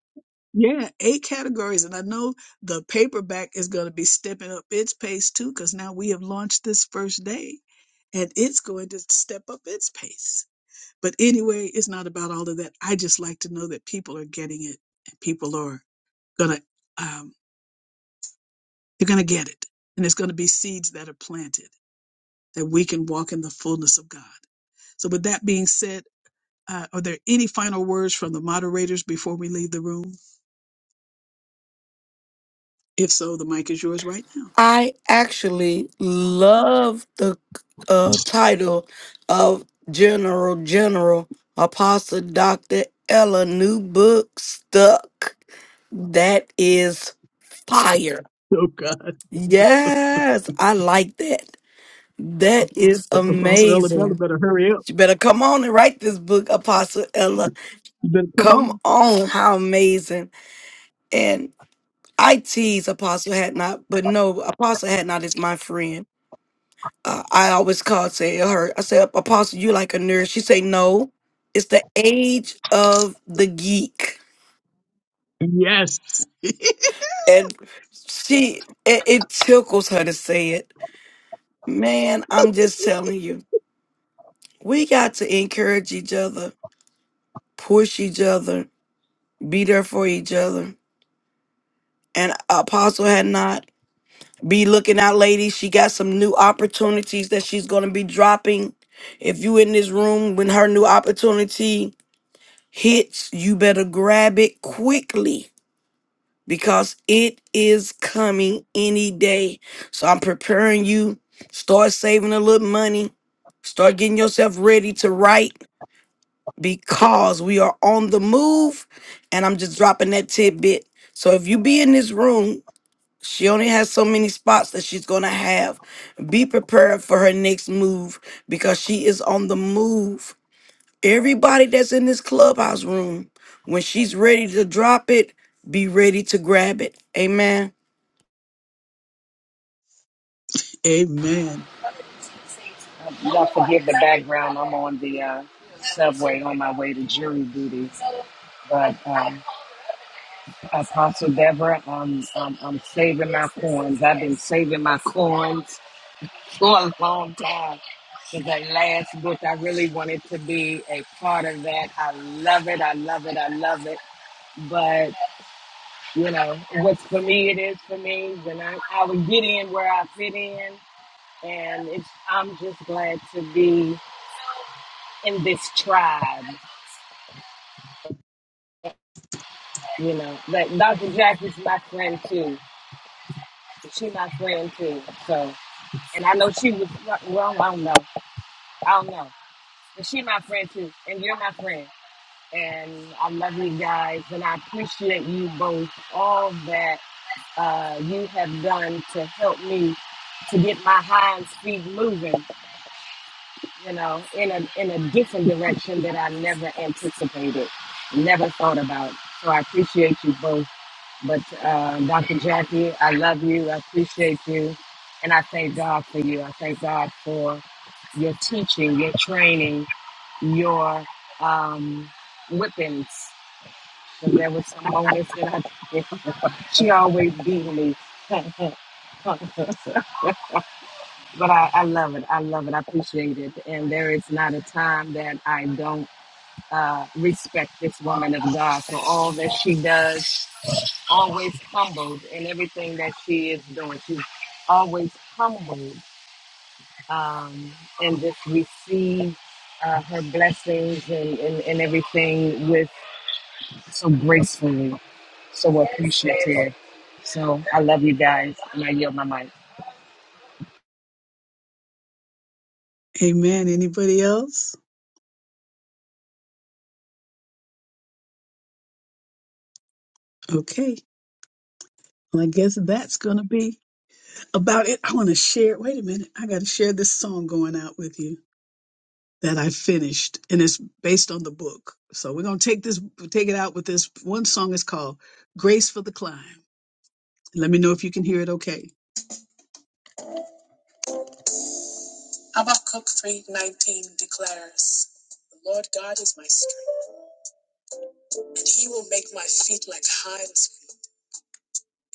A: Yeah, eight categories. And I know the paperback is going to be stepping up its pace too, because now we have launched this first day and it's going to step up its pace. But anyway, it's not about all of that. I just like to know that people are getting it and people are going to. You're going to get it. And it's going to be seeds that are planted that we can walk in the fullness of God. So, with that being said, uh, are there any final words from the moderators before we leave the room? If so, the mic is yours right now.
F: I actually love the uh, title of General General Apostle Dr. Ella new book stuck. That is fire.
A: Oh, God.
F: Yes, I like that. That is
A: Apostle Elabella
F: amazing.
A: better hurry up.
F: You better come on and write this book, Apostle Ella.
A: You better come
F: Come
A: on.
F: on, how amazing. And I tease Apostle Had Not, but no, Apostle Had Not is my friend uh, I always called say her. I said, Apostle, you like a nerd. She say, no, it's the age of the geek,
A: Yes.
F: and she it, it tickles her to say it. Man, I'm just telling you, we got to encourage each other, push each other, be there for each other. And Apostle had not be looking out, ladies. She got some new opportunities that she's gonna be dropping. If you in this room when her new opportunity hits, you better grab it quickly because it is coming any day. So I'm preparing you. Start saving a little money. Start getting yourself ready to write because we are on the move. And I'm just dropping that tidbit. So if you be in this room, she only has so many spots that she's going to have. Be prepared for her next move because she is on the move Everybody that's in this clubhouse room, when she's ready to drop it, be ready to grab it. Amen.
A: Amen.
E: Y'all forgive the background. I'm on the uh, subway on my way to jury duty. But um, Apostle Deborah, I'm, I'm, I'm saving my coins. I've been saving my coins for a long time. was that last book. I really wanted to be a part of that. I love it. I love it. I love it. But you know, what's for me, it is for me. And I, I would get in where I fit in. And it's, I'm just glad to be in this tribe. You know, but Dr. Jackie's my friend too. She my friend too. So, and I know she was well. I don't know. I don't know. But she my friend too, and you're my friend. and I love you guys, and I appreciate you both all that uh, you have done to help me to get my hands feet moving. You know, in a in a different direction that I never anticipated, never thought about. So I appreciate you both. But uh, Dr. Jackie, I love you. I appreciate you, and I thank God for you. I thank God for your teaching, your training, your um, whippings and there were some moments that I just, she always beat me. but I, I love it. I love it. I appreciate it. And there is not a time that I don't uh, respect this woman of God for all that she does,
A: uh
E: always humbled in everything that she is doing. She's always humbled um, and just receive uh, her blessings and, and, and everything with so gracefully. so appreciative. So I love you guys, and I yield my mic.
A: Amen. Anybody else? Okay. Well, I guess that's going to be about it. I want to share. Wait a minute. I got to share this song going out with you. that I finished, and it's based on the book. So we're gonna take this, take it out with this one song. It's called "Grace for the Climb." Let me know if you can hear it. Okay. Habakkuk three nineteen declares, "The Lord God is my strength, and He will make my feet like hinds,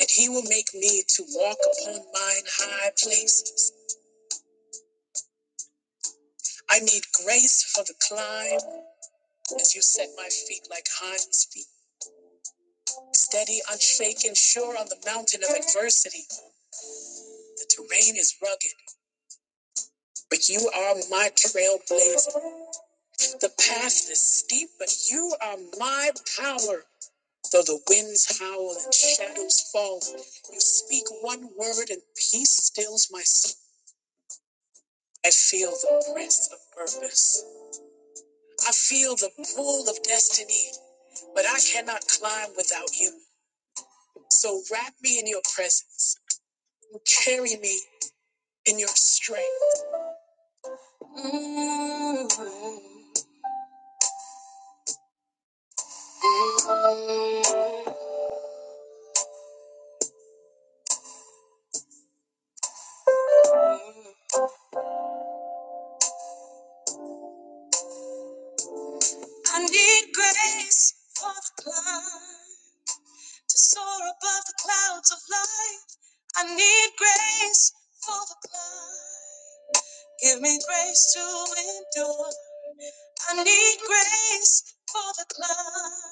A: and He will make me to walk upon mine high places." I need grace for the climb as you set my feet like hinds feet. Steady, unshaken, sure on the mountain of adversity. The terrain is rugged But you are my trailblazer. The path is steep, but you are my power. Though the winds howl and shadows fall, you speak one word and peace stills my soul. I feel the press of purpose. I feel the pull of destiny, but I cannot climb without you. So wrap me in your presence and carry me in your strength. I need grace for the climb. to soar above the clouds of life. I need grace for the climb. Give me grace to endure. I need grace for the climb.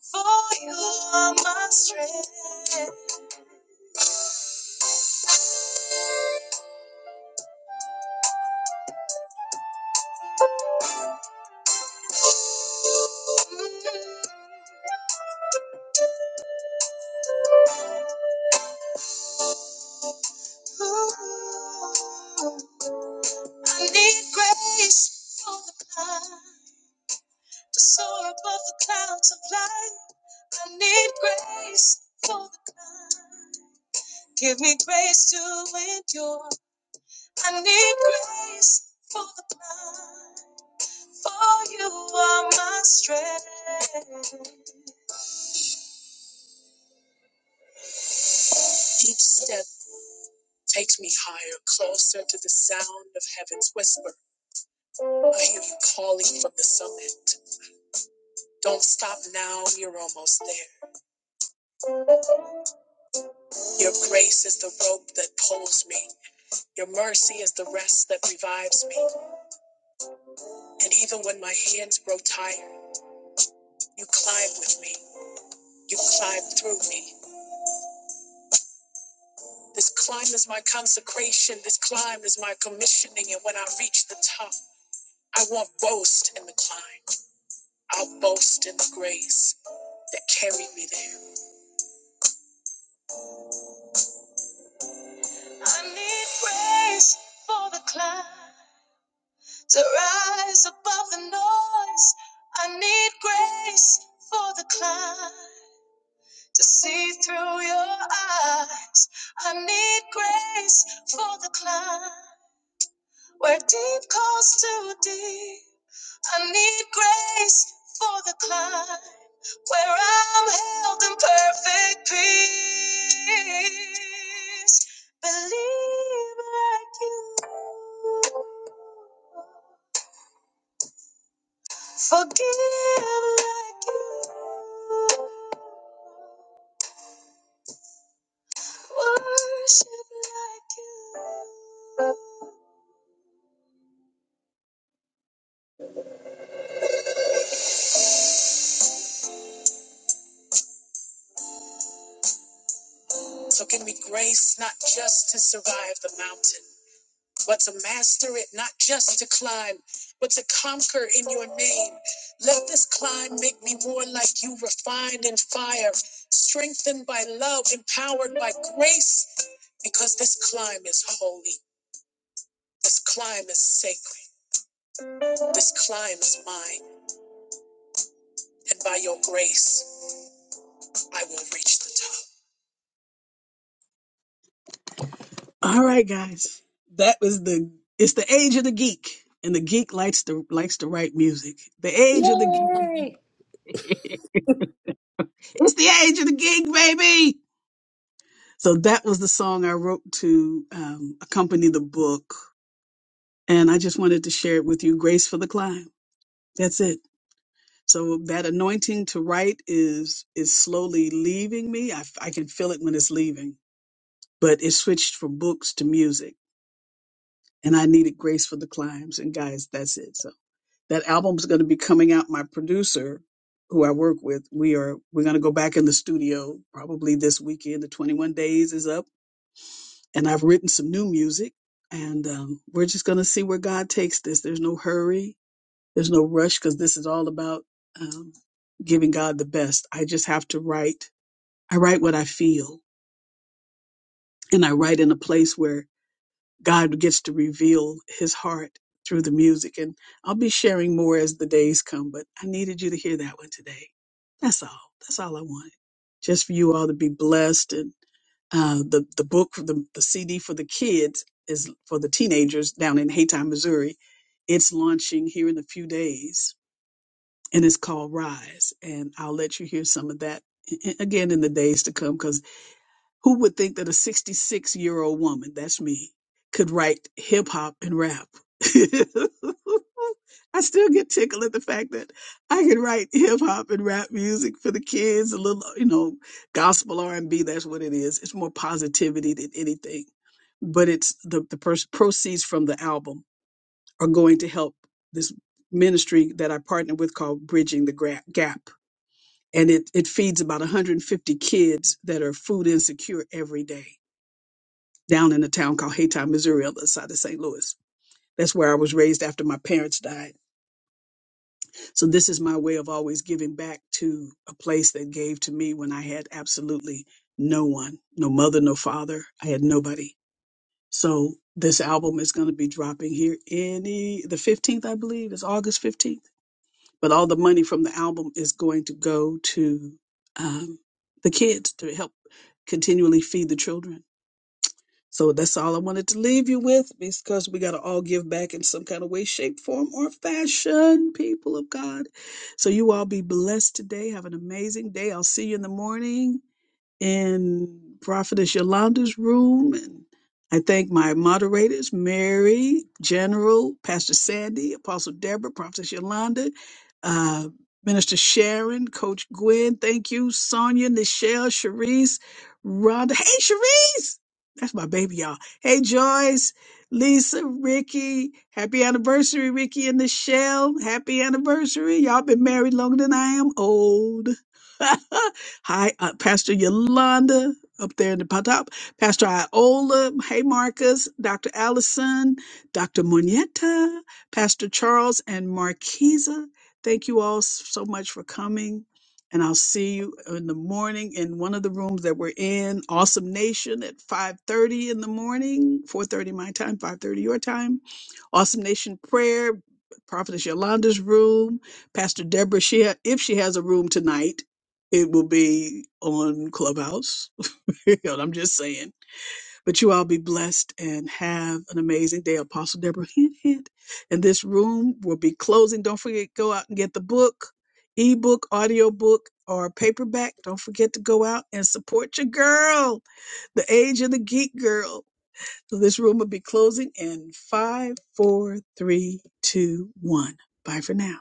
A: For you are my strength. Ooh. I need grace for the climb. To soar above the clouds of life. I need grace for the climb. Give me grace to endure. I need grace for the climb. For you are my strength. Each step takes me higher, closer to the sound of heaven's whisper. I hear you calling from the summit. Don't stop now, you're almost there. Your grace is the rope that pulls me. Your mercy is the rest that revives me. And even when my hands grow tired, you climb with me. You climb through me. This climb is my consecration. This climb is my commissioning. And when I reach the top, I won't boast in the climb. I'll boast in the grace that carried me there. I need grace for the climb to rise above the noise. I need grace for the climb to see through your eyes. I need grace for the climb where deep calls to deep. I need grace for the climb where I'm held in perfect peace. Believe like you, forgive like you, worship like you. So, can we grace not just to survive the mountain? but to master it, not just to climb, but to conquer in your name. Let this climb make me more like you, refined in fire, strengthened by love, empowered by grace, because this climb is holy, this climb is sacred, this climb is mine, and by your grace, I will reach the top. All right, guys, that was the it's the age of the geek. And the geek likes to likes to write music. The age of the geek.
B: Yay!
A: It's the age of the geek, baby. So that was the song I wrote to um, accompany the book. And I just wanted to share it with you. Grace for the climb. That's it. So that anointing to write is is slowly leaving me. I, I can feel it when it's leaving, but it switched from books to music, and I needed grace for the climbs. And guys, that's it. So that album's going to be coming out. My producer, who I work with, we are we're going to go back in the studio probably this weekend. The 21 days is up and I've written some new music, and um, we're just going to see where God takes this. There's no hurry, there's no rush, because this is all about um, giving God the best. I just have to write. I write what I feel, and I write in a place where God gets to reveal his heart through the music. And I'll be sharing more as the days come, but I needed you to hear that one today. That's all. That's all I wanted. Just for you all to be blessed. And uh, the, the book, the, the CD for the kids is for the teenagers down in Haytime, Missouri. It's launching here in a few days and it's called Rise. And I'll let you hear some of that a- a- again in the days to come 'cause who would think that a 66 year old woman, that's me, could write hip hop and rap? I still get tickled at the fact that I can write hip hop and rap music for the kids, a little, you know, gospel R and B. That's what it is. It's more positivity than anything, but it's the the pers- proceeds from the album are going to help this ministry that I partner with called Bridging the Gra- Gap, and it it feeds about 150 kids that are food insecure every day down in a town called Haytown, Missouri, on the other side of St. Louis. That's where I was raised after my parents died. So this is my way of always giving back to a place that gave to me when I had absolutely no one, no mother, no father. I had nobody. So this album is going to be dropping here any the 15th, I believe, is August 15th. But all the money from the album is going to go to um, the kids to help continually feed the children So that's all I wanted to leave you with because we got to all give back in some kind of way, shape, form, or fashion, people of God. So you all be blessed today. Have an amazing day. I'll see you in the morning in Prophetess Yolanda's room. And I thank my moderators, Mary, General, Pastor Sandy, Apostle Deborah, Prophetess Yolanda, uh, Minister Sharon, Coach Gwen. Thank you, Sonia, Nichelle, Sharice, Rhonda. Hey, Sharice! That's my baby, y'all. Hey, Joyce, Lisa, Ricky. Happy anniversary, Ricky and Nichelle. Happy anniversary. Y'all been married longer than I am old. Hi, uh, Pastor Yolanda up there in the po- top. Pastor Iola. Hey, Marcus. Dr. Allison. Dr. Moneta. Pastor Charles and Marquisa. Thank you all s- so much for coming. And I'll see you in the morning in one of the rooms that we're in. Awesome Nation at 5.30 in the morning, 4.30 my time, 5.30 your time. Awesome Nation Prayer, Prophetess Yolanda's room. Pastor Deborah, she ha- if she has a room tonight, it will be on Clubhouse. You know, I'm just saying. But you all be blessed and have an amazing day. Apostle Deborah, hint, hint. And this room will be closing. Don't forget, go out and get the book, ebook, audiobook, or paperback. Don't forget to go out and support your girl, the age of the geek girl. So this room will be closing in five, four, three, two, one. Bye for now.